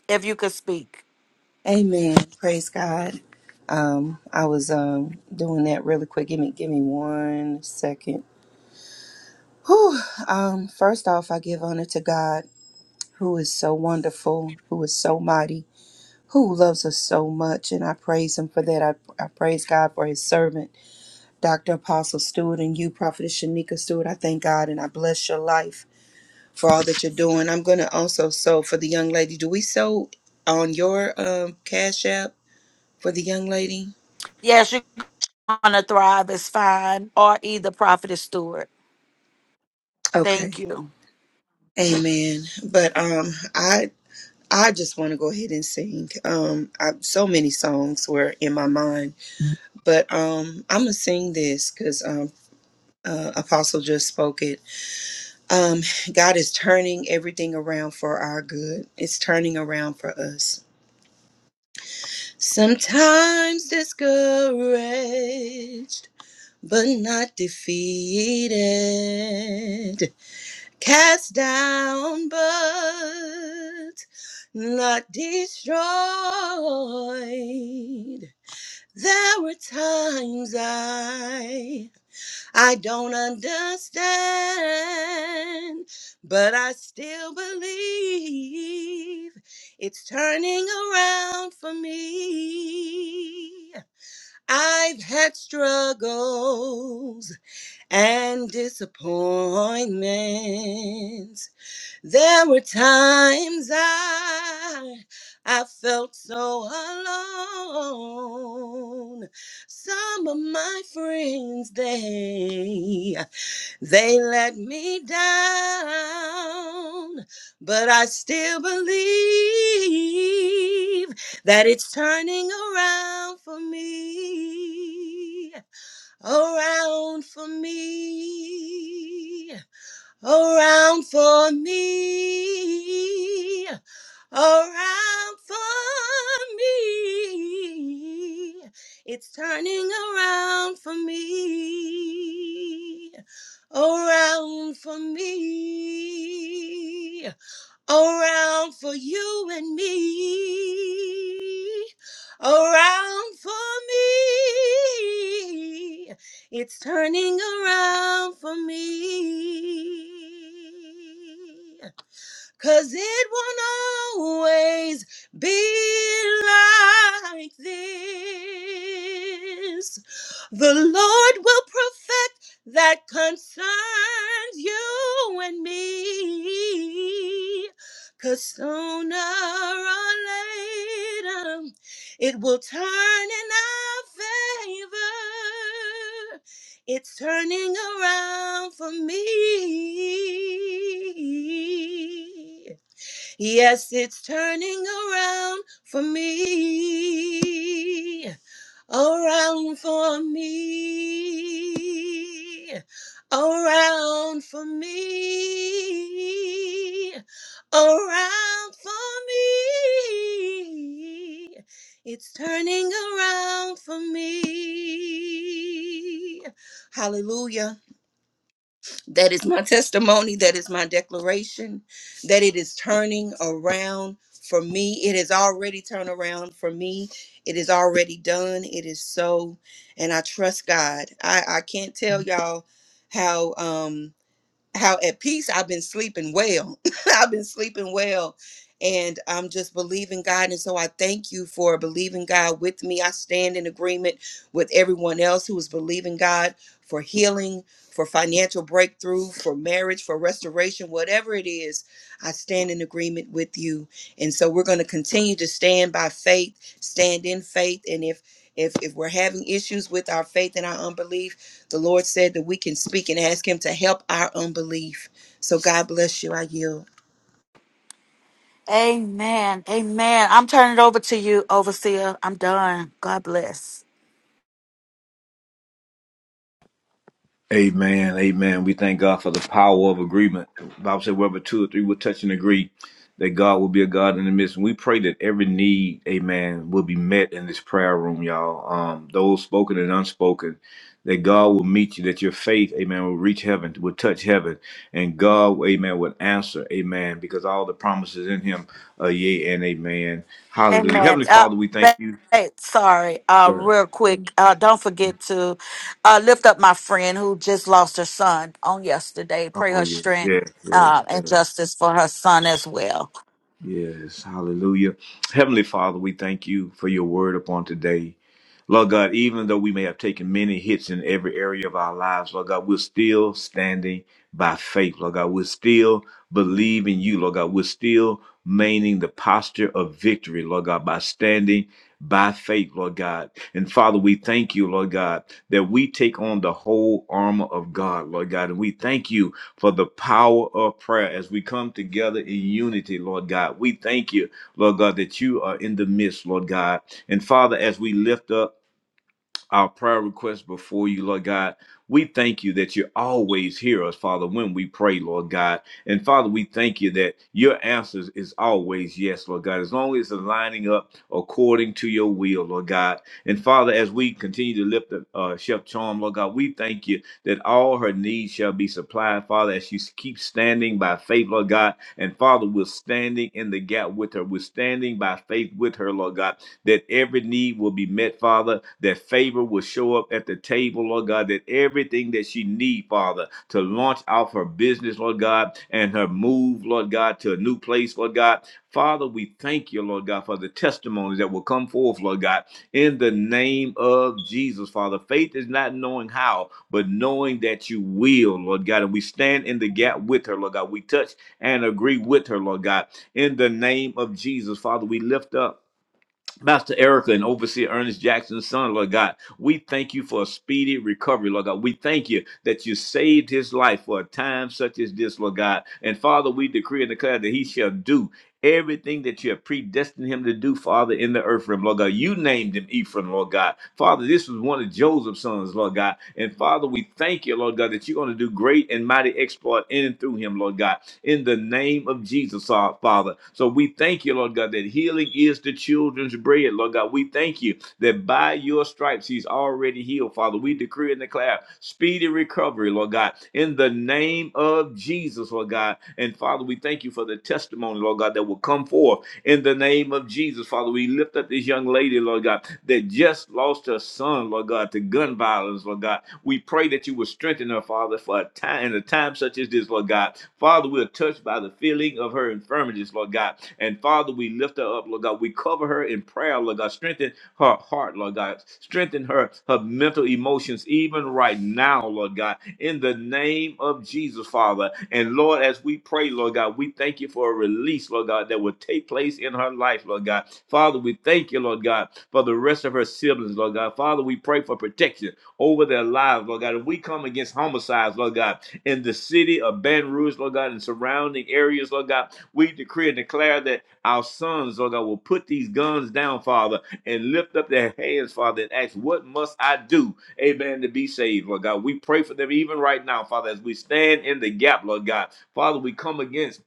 [SPEAKER 2] if you could speak.
[SPEAKER 4] Amen. Praise God. Um, I was um doing that really quick. Give me give me one second. Whew. Um, first off, I give honor to God who is so wonderful, who is so mighty, who loves us so much, and I praise him for that. I, I praise God for his servant, Dr. Apostle Stewart, and you, Prophetess Shanika Stewart. I thank God and I bless your life. for all that you're doing. I'm going to also sew for the young lady. Do we sew on your um, cash app for the young lady?
[SPEAKER 2] Yes, you wanna thrive is fine, or either prophet is steward.
[SPEAKER 4] Okay.
[SPEAKER 2] Thank you.
[SPEAKER 4] Amen. But um, I I just want to go ahead and sing. Um, I, so many songs were in my mind, but um, I'm gonna sing this because um, uh, Apostle just spoke it. Um, God is turning everything around for our good. It's turning around for us. Sometimes discouraged. but not defeated. Cast down, but not destroyed. There were times I I don't understand, but I still believe it's turning around for me. I've had struggles and disappointments. There were times I I felt so alone. Some of my friends they they let me down, but I still believe that it's turning around for me around for me, around for me, around for me. It's turning around for me, around for me, around for you and me, around for me. It's turning around for me. Cause it won't always be like this. The Lord will perfect that concerns you and me. 'Cause sooner or later, it will turn in our favor. It's turning around for me. Yes, it's turning around for me around for me, around for me, around for me. It's turning around for me. Hallelujah. That is my testimony. That is my declaration that it is turning around for me. It has already turned around for me. It is already done. It is so. And I trust God. I, I can't tell y'all how. Um, how at peace I've been sleeping well. I've been sleeping well. And I'm just believing God. And so I thank you for believing God with me. I stand in agreement with everyone else who is believing God for healing, for financial breakthrough, for marriage, for restoration, whatever it is. I stand in agreement with you. And so we're going to continue to stand by faith, stand in faith. And if if if we're having issues with our faith and our unbelief, the Lord said that we can speak and ask Him to help our unbelief. So God bless you. I yield.
[SPEAKER 2] Amen. Amen. I'm turning it over to you, overseer. I'm done. God bless.
[SPEAKER 1] Amen. Amen. We thank God for the power of agreement. The Bible said, wherever two or three will touch and agree, that God will be a God in the midst. And we pray that every need, amen, will be met in this prayer room, y'all. Um, those spoken and unspoken, that God will meet you, that your faith, amen, will reach heaven, will touch heaven. And God, amen, would answer, amen, because all the promises in him are yea and amen. Hallelujah.
[SPEAKER 2] Amen.
[SPEAKER 1] Heavenly
[SPEAKER 2] Uh,
[SPEAKER 1] Father, we thank
[SPEAKER 2] ba-
[SPEAKER 1] you.
[SPEAKER 2] hey, sorry, uh,
[SPEAKER 1] Sure.
[SPEAKER 2] real quick. Uh, don't forget to uh, lift up my friend who just lost her son on yesterday. Pray
[SPEAKER 1] Oh,
[SPEAKER 2] her
[SPEAKER 1] yes,
[SPEAKER 2] strength
[SPEAKER 1] yes, yes.
[SPEAKER 2] uh,
[SPEAKER 1] yes.
[SPEAKER 2] and justice for her son as well.
[SPEAKER 1] Yes, hallelujah. Heavenly Father, we thank you for your word upon today. Lord God, even though we may have taken many hits in every area of our lives, Lord God, we're still standing by faith. Lord God, we're still believing you. Lord God, we're still maintaining the posture of victory, Lord God, by standing by faith, Lord God. And Father, we thank you, Lord God, that we take on the whole armor of God, Lord God. And we thank you for the power of prayer as we come together in unity, Lord God. We thank you, Lord God, that you are in the midst, Lord God. And Father, as we lift up our prayer requests before you, Lord God. We thank you that you always hear us, Father, when we pray, Lord God. And Father, we thank you that your answers is always yes, Lord God, as long as it's lining up according to your will, Lord God. And Father, as we continue to lift the uh, Chef Charm, Lord God, we thank you that all her needs shall be supplied, Father, as she keeps standing by faith, Lord God. And Father, we're standing in the gap with her. We're standing by faith with her, Lord God that every need will be met, Father, that favor will show up at the table, Lord God, that everything that she need, Father, to launch out her business, Lord God, and her move, Lord God, to a new place, Lord God. Father, we thank you, Lord God, for the testimonies that will come forth, Lord God, in the name of Jesus, Father. Faith is not knowing how, but knowing that you will, Lord God. And we stand in the gap with her, Lord God. We touch and agree with her, Lord God. In the name of Jesus, Father, we lift up. Master Erica and Overseer Ernest Jackson's son, Lord God, we thank you for a speedy recovery, Lord God. We thank you that you saved his life for a time such as this, Lord God. And Father, we decree and declare that he shall do everything that you have predestined him to do, Father, in the earth realm, Lord God. You named him Ephraim, Lord God. Father, this was one of Joseph's sons, Lord God. And Father, we thank you, Lord God, that you're going to do great and mighty exploit in and through him, Lord God in the name of Jesus, our Father. So we thank you, Lord God, that healing is the children's bread, Lord God. We thank you that by your stripes he's already healed, Father. We decree and declare speedy recovery, Lord God, in the name of Jesus, Lord God. And Father, we thank you for the testimony, Lord God, that will come forth in the name of Jesus. Father, we lift up this young lady, Lord God, that just lost her son, Lord God, to gun violence, Lord God. We pray that you will strengthen her, Father, for a time in a time such as this, Lord God. Father, we are touched by the feeling of her infirmities, Lord God. And Father, we lift her up, Lord God. We cover her in prayer, Lord God. Strengthen her heart, Lord God. Strengthen her, her mental emotions, even right now, Lord God, in the name of Jesus, Father. And Lord, as we pray, Lord God, we thank you for a release, Lord God, that will take place in her life, Lord God. Father, we thank you, Lord God, for the rest of her siblings, Lord God. Father, we pray for protection over their lives, Lord God. And we come against homicides, Lord God, in the city of Baton Rouge, Lord God, and surrounding areas, Lord God. We decree and declare that our sons, Lord God, will put these guns down, Father and lift up their hands, Father, and ask, What must I do, amen, to be saved, Lord God? We pray for them even right now, Father, as we stand in the gap, Lord God. Father, we come against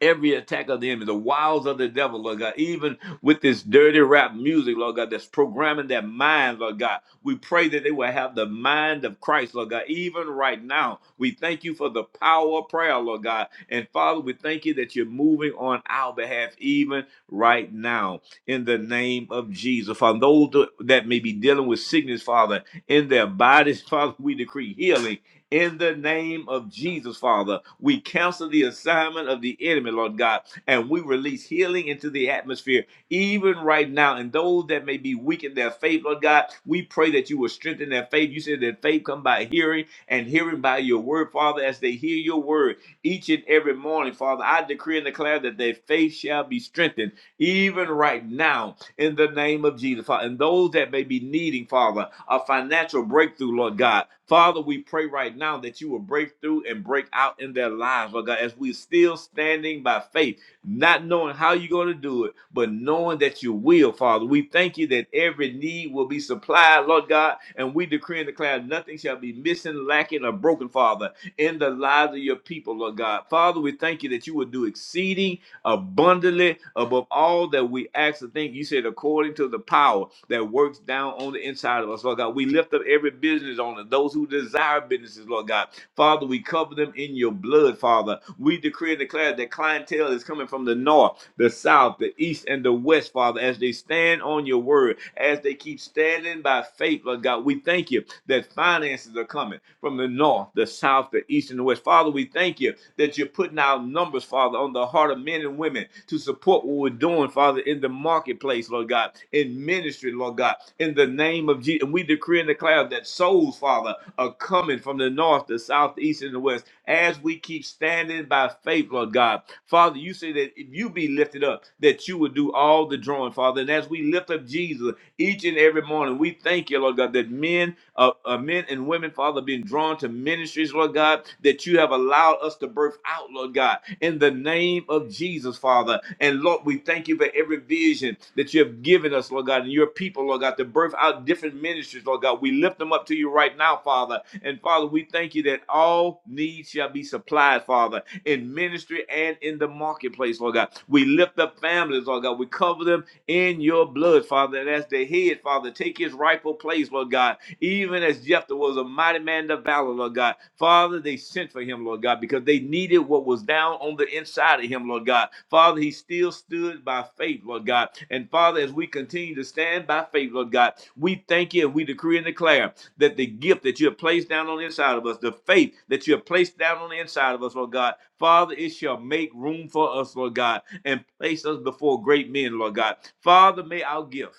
[SPEAKER 1] every attack of the enemy, the wiles of the devil, Lord God, even with this dirty rap music, Lord God, that's programming their minds, Lord God. We pray that they will have the mind of Christ, Lord God, even right now. We thank you for the power of prayer, Lord God. And Father, we thank you that you're moving on our behalf even right now in the name of Jesus. Father, those that may be dealing with sickness, Father, in their bodies, Father, we decree healing in the name of Jesus, Father, we cancel the assignment of the enemy, Lord God, and we release healing into the atmosphere, even right now. And those that may be weak in their faith, Lord God, we pray that you will strengthen their faith. You said that faith come by hearing, and hearing by your word, Father, as they hear your word each and every morning, Father. I decree and declare that their faith shall be strengthened, even right now in the name of Jesus, Father. And those that may be needing, Father, a financial breakthrough, Lord God. Father, we pray right now that you will break through and break out in their lives, Lord God, as we're still standing by faith, not knowing how you're going to do it, but knowing that you will, Father. We thank you that every need will be supplied, Lord God, and we decree and declare nothing shall be missing, lacking, or broken, Father, in the lives of your people, Lord God. Father, we thank you that you will do exceeding abundantly above all that we ask to think. You said, according to the power that works down on the inside of us, Lord God. We lift up every business owner, those who desire businesses, Lord God. Father, we cover them in your blood, Father. We decree and declare that clientele is coming from the north the south, the east, and the west, Father, as they stand on your word, as they keep standing by faith, Lord God. We thank you that finances are coming from the north, the south, the east, and the west. Father, we thank you that you're putting out numbers, Father, on the heart of men and women to support what we're doing, Father, in the market marketplace, Lord God, in ministry, Lord God, in the name of Jesus. And we decree and declare that souls, Father, are coming from the north, the south, the east, and the west as we keep standing by faith, Lord God. Father, you say that if you be lifted up, that you would do all the drawing, Father. And as we lift up Jesus, each and every morning. We thank you, Lord God, that men, uh, uh, men and women, Father, being drawn to ministries, Lord God, that you have allowed us to birth out, Lord God, in the name of Jesus, Father. And Lord, we thank you for every vision that you have given us, Lord God, and your people, Lord God, to birth out different ministries, Lord God. We lift them up to you right now, Father. And Father, we thank you that all needs shall be supplied, Father, in ministry and in the marketplace, Lord God. We lift up families, Lord God. We cover them in your blood, Father. And as the head, Father, take his rightful place, Lord God. Even as Jephthah was a mighty man of valor, Lord God. Father, they sent for him, Lord God, because they needed what was down on the inside of him, Lord God. Father, he still stood by faith, Lord God. And Father, as we continue to stand by faith, Lord God, we thank you and we decree and declare that the gift that you have placed down on the inside of us, the faith that you have placed down on the inside of us, Lord God, Father, it shall make room for us, Lord God, and place us before great men, Lord God. Father, may our gift.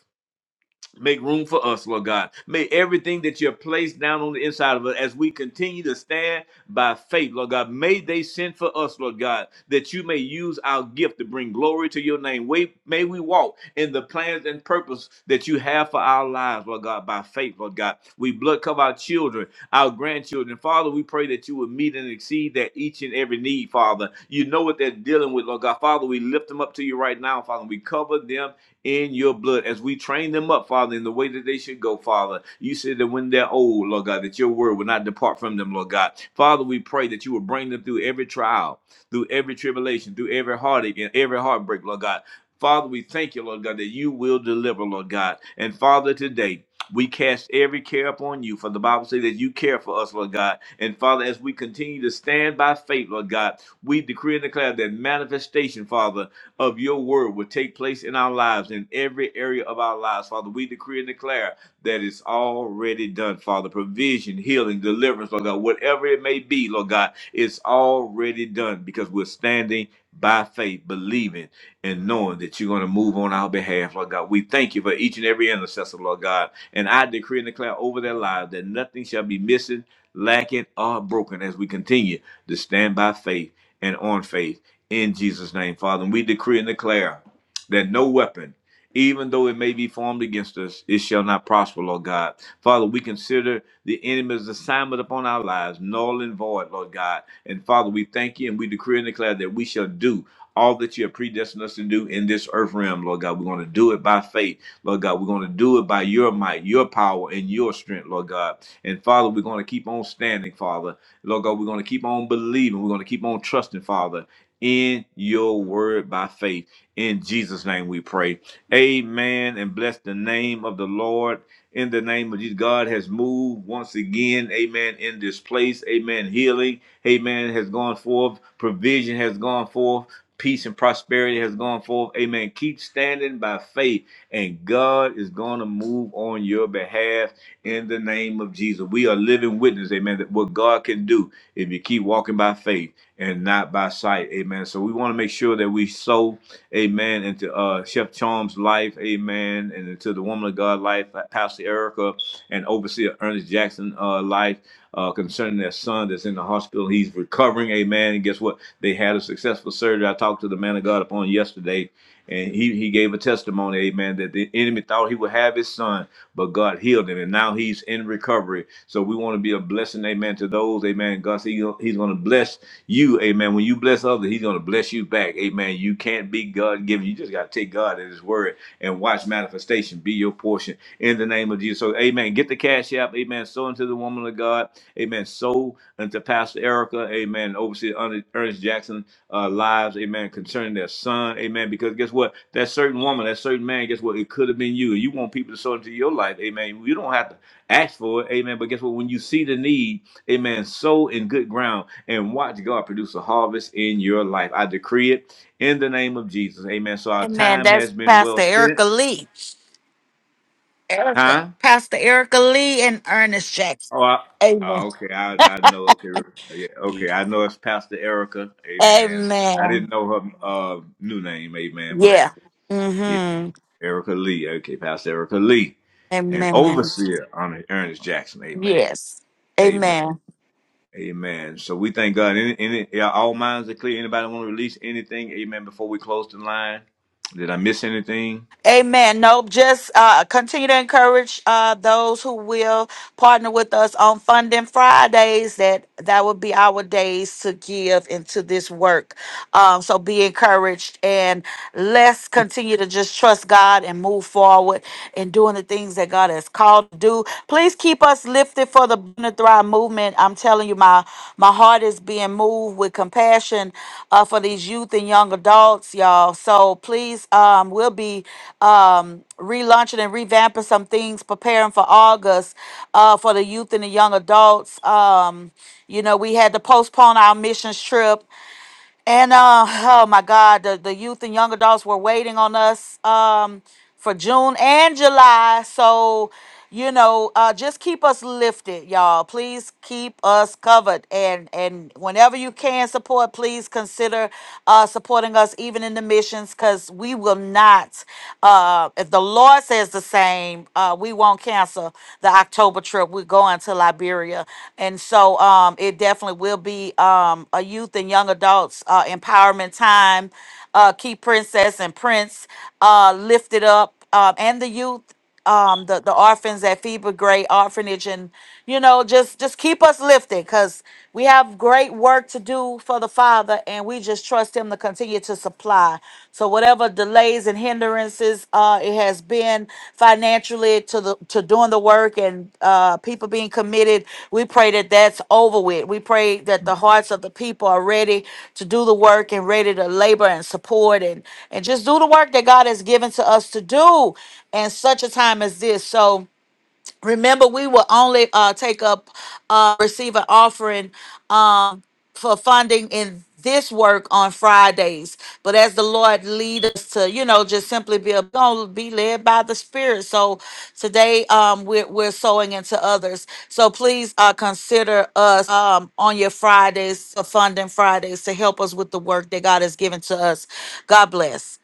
[SPEAKER 1] Make room for us, Lord God. May everything that you have placed down on the inside of us as we continue to stand by faith, Lord God. May they send for us, Lord God, that you may use our gift to bring glory to your name. May, may we walk in the plans and purpose that you have for our lives, Lord God, by faith, Lord God. We blood cover our children, our grandchildren. Father, we pray that you would meet and exceed that each and every need, Father. You know what they're dealing with, Lord God. Father, we lift them up to you right now, Father. We cover them in your blood as we train them up, Father, in the way that they should go, Father. You said that when they're old, Lord God, that your word will not depart from them, Lord God. Father, we pray that you will bring them through every trial, through every tribulation, through every heartache and every heartbreak, Lord God. Father, we thank you, Lord God, that you will deliver, Lord God. And Father, today, we cast every care upon you, for the Bible says that you care for us, Lord God. And Father, as we continue to stand by faith, Lord God, we decree and declare that manifestation, Father, of your word will take place in our lives, in every area of our lives. Father, we decree and declare that it's already done, Father. Provision, healing, deliverance, Lord God, whatever it may be, Lord God, it's already done because we're standing by faith, believing and knowing that you're going to move on our behalf, Lord God. We thank you for each and every intercessor, Lord God. And I decree and declare over their lives that nothing shall be missing, lacking, or broken as we continue to stand by faith and on faith in Jesus' name, Father. And we decree and declare that no weapon, even though it may be formed against us, it shall not prosper, Lord God. Father, we consider the enemy's assignment upon our lives null and void, Lord God. And Father, we thank you and we decree and declare that we shall do all that you have predestined us to do in this earth realm, Lord God. We're going to do it by faith, Lord God. We're going to do it by your might, your power, and your strength, Lord God. And Father, we're going to keep on standing, Father. Lord God, we're going to keep on believing. We're going to keep on trusting, Father in your word by faith. In Jesus' name we pray. Amen. And bless the name of the Lord. In the name of Jesus, God has moved once again. Amen. In this place. Amen. Healing. Amen. Has gone forth. Provision has gone forth. Peace and prosperity has gone forth. Amen. Keep standing by faith, and God is going to move on your behalf in the name of Jesus. We are living witness, amen, that what God can do if you keep walking by faith and not by sight. Amen. So we want to make sure that we sow, amen, into uh, Chef Charm's life, amen, and into the woman of God life, uh, Pastor Erica, and overseer Ernest Jackson uh, life uh, concerning their son that's in the hospital. He's recovering, amen. And guess what? They had a successful surgery. I talked to the man of God upon yesterday, and he, he gave a testimony, amen, that the enemy thought he would have his son, but God healed him, and now he's in recovery. So we want to be a blessing, amen, to those, amen. God said he- he's going to bless you, amen, when you bless others, he's going to bless you back. Amen. You can't be God given. You just got to take God at his word and watch manifestation be your portion in the name of Jesus. So, amen. Get the cash app. Amen. Sow into the woman of God. Amen. Sow unto Pastor Erica. Amen. Overseer Ernest Jackson uh, lives. Amen. Concerning their son. Amen. Because guess what? That certain woman, that certain man, guess what? It could have been you. You want people to sow into your life. Amen. You don't have to ask for it. Amen. But guess what? When you see the need, amen, sow in good ground and watch God produce a harvest in your life. I decree it in the name of Jesus. Amen. So our
[SPEAKER 2] Amen.
[SPEAKER 1] time
[SPEAKER 2] That's
[SPEAKER 1] has been well
[SPEAKER 2] Pastor
[SPEAKER 1] spent.
[SPEAKER 2] Erica Lee. Erica,
[SPEAKER 1] Huh?
[SPEAKER 2] Pastor Erica Lee and Ernest Jackson.
[SPEAKER 1] Oh, I,
[SPEAKER 2] Amen.
[SPEAKER 1] oh, okay. I, I know. Okay. Yeah, okay. I know it's Pastor Erica. Amen. I
[SPEAKER 2] Amen.
[SPEAKER 1] didn't know her uh, new name. Amen. But
[SPEAKER 2] Yeah.
[SPEAKER 1] yeah,
[SPEAKER 2] Mm-hmm.
[SPEAKER 1] Erica Lee. Okay. Pastor Erica Lee and
[SPEAKER 2] Amen.
[SPEAKER 1] overseer on Ernest Jackson. Amen.
[SPEAKER 2] Yes.
[SPEAKER 1] Amen. Amen. So we thank God. Any, any, yeah, all minds are clear. Anybody want to release anything? Amen. Before we close the line, did I miss anything?
[SPEAKER 2] Amen. No, just uh, continue to encourage uh, those who will partner with us on Funding Fridays. That that would be our days to give into this work. Um, so be encouraged and let's continue to just trust God and move forward in doing the things that God has called to do. Please keep us lifted lifted for the Born to Thrive movement. I'm telling you, my my heart is being moved with compassion uh, for these youth and young adults, y'all. So please, um, we'll be um, relaunching and revamping some things, preparing for August uh, for the youth and the young adults. Um, you know, we had to postpone our missions trip. And uh, oh my God, the, the youth and young adults were waiting on us um, for June and July. So, you know, uh, just keep us lifted, y'all. Please keep us covered. And and whenever you can support, please consider uh, supporting us even in the missions because we will not. Uh, if the Lord says the same, uh, we won't cancel the October trip. We're going to Liberia, and so um, it definitely will be um, a youth and young adults uh, empowerment time. Uh, keep Princess and Prince uh, lifted up, uh, and the youth um the the orphans at Phoebe Gray Orphanage and you know just just keep us lifted cuz we have great work to do for the father and and we just trust Him to continue to supply. So whatever delays and hindrances uh, it has been financially to the to doing the work and uh, people being committed, we pray that that's over with. We pray that the hearts of the people are ready to do the work and ready to labor and support and and just do the work that God has given to us to do in such a time as this. So. Remember, we will only uh, take up, uh, receive an offering um, for funding in this work on Fridays. But as the Lord lead us to, you know, just simply be a, gonna be led by the Spirit. So today um, we're, we're sowing into others. So please uh, consider us um, on your Fridays, uh, funding Fridays, to help us with the work that God has given to us. God bless.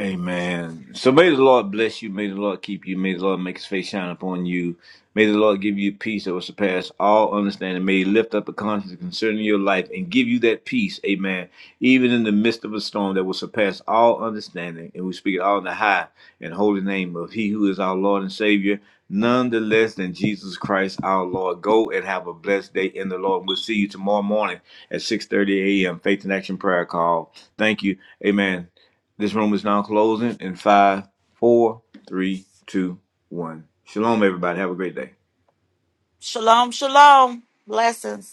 [SPEAKER 1] Amen. So may the Lord bless you. May the Lord keep you. May the Lord make his face shine upon you. May the Lord give you peace that will surpass all understanding. May he lift up a conscience concerning your life and give you that peace. Amen. Even in the midst of a storm that will surpass all understanding. And we speak it all in the high and holy name of he who is our Lord and Savior. None the less than Jesus Christ our Lord. Go and have a blessed day in the Lord. We'll see you tomorrow morning at 6.30 a.m. Faith in Action Prayer Call. Thank you. Amen. This room is now closing in five, four, three, two, one. Shalom, everybody. Have a great day.
[SPEAKER 2] Shalom, shalom. Blessings.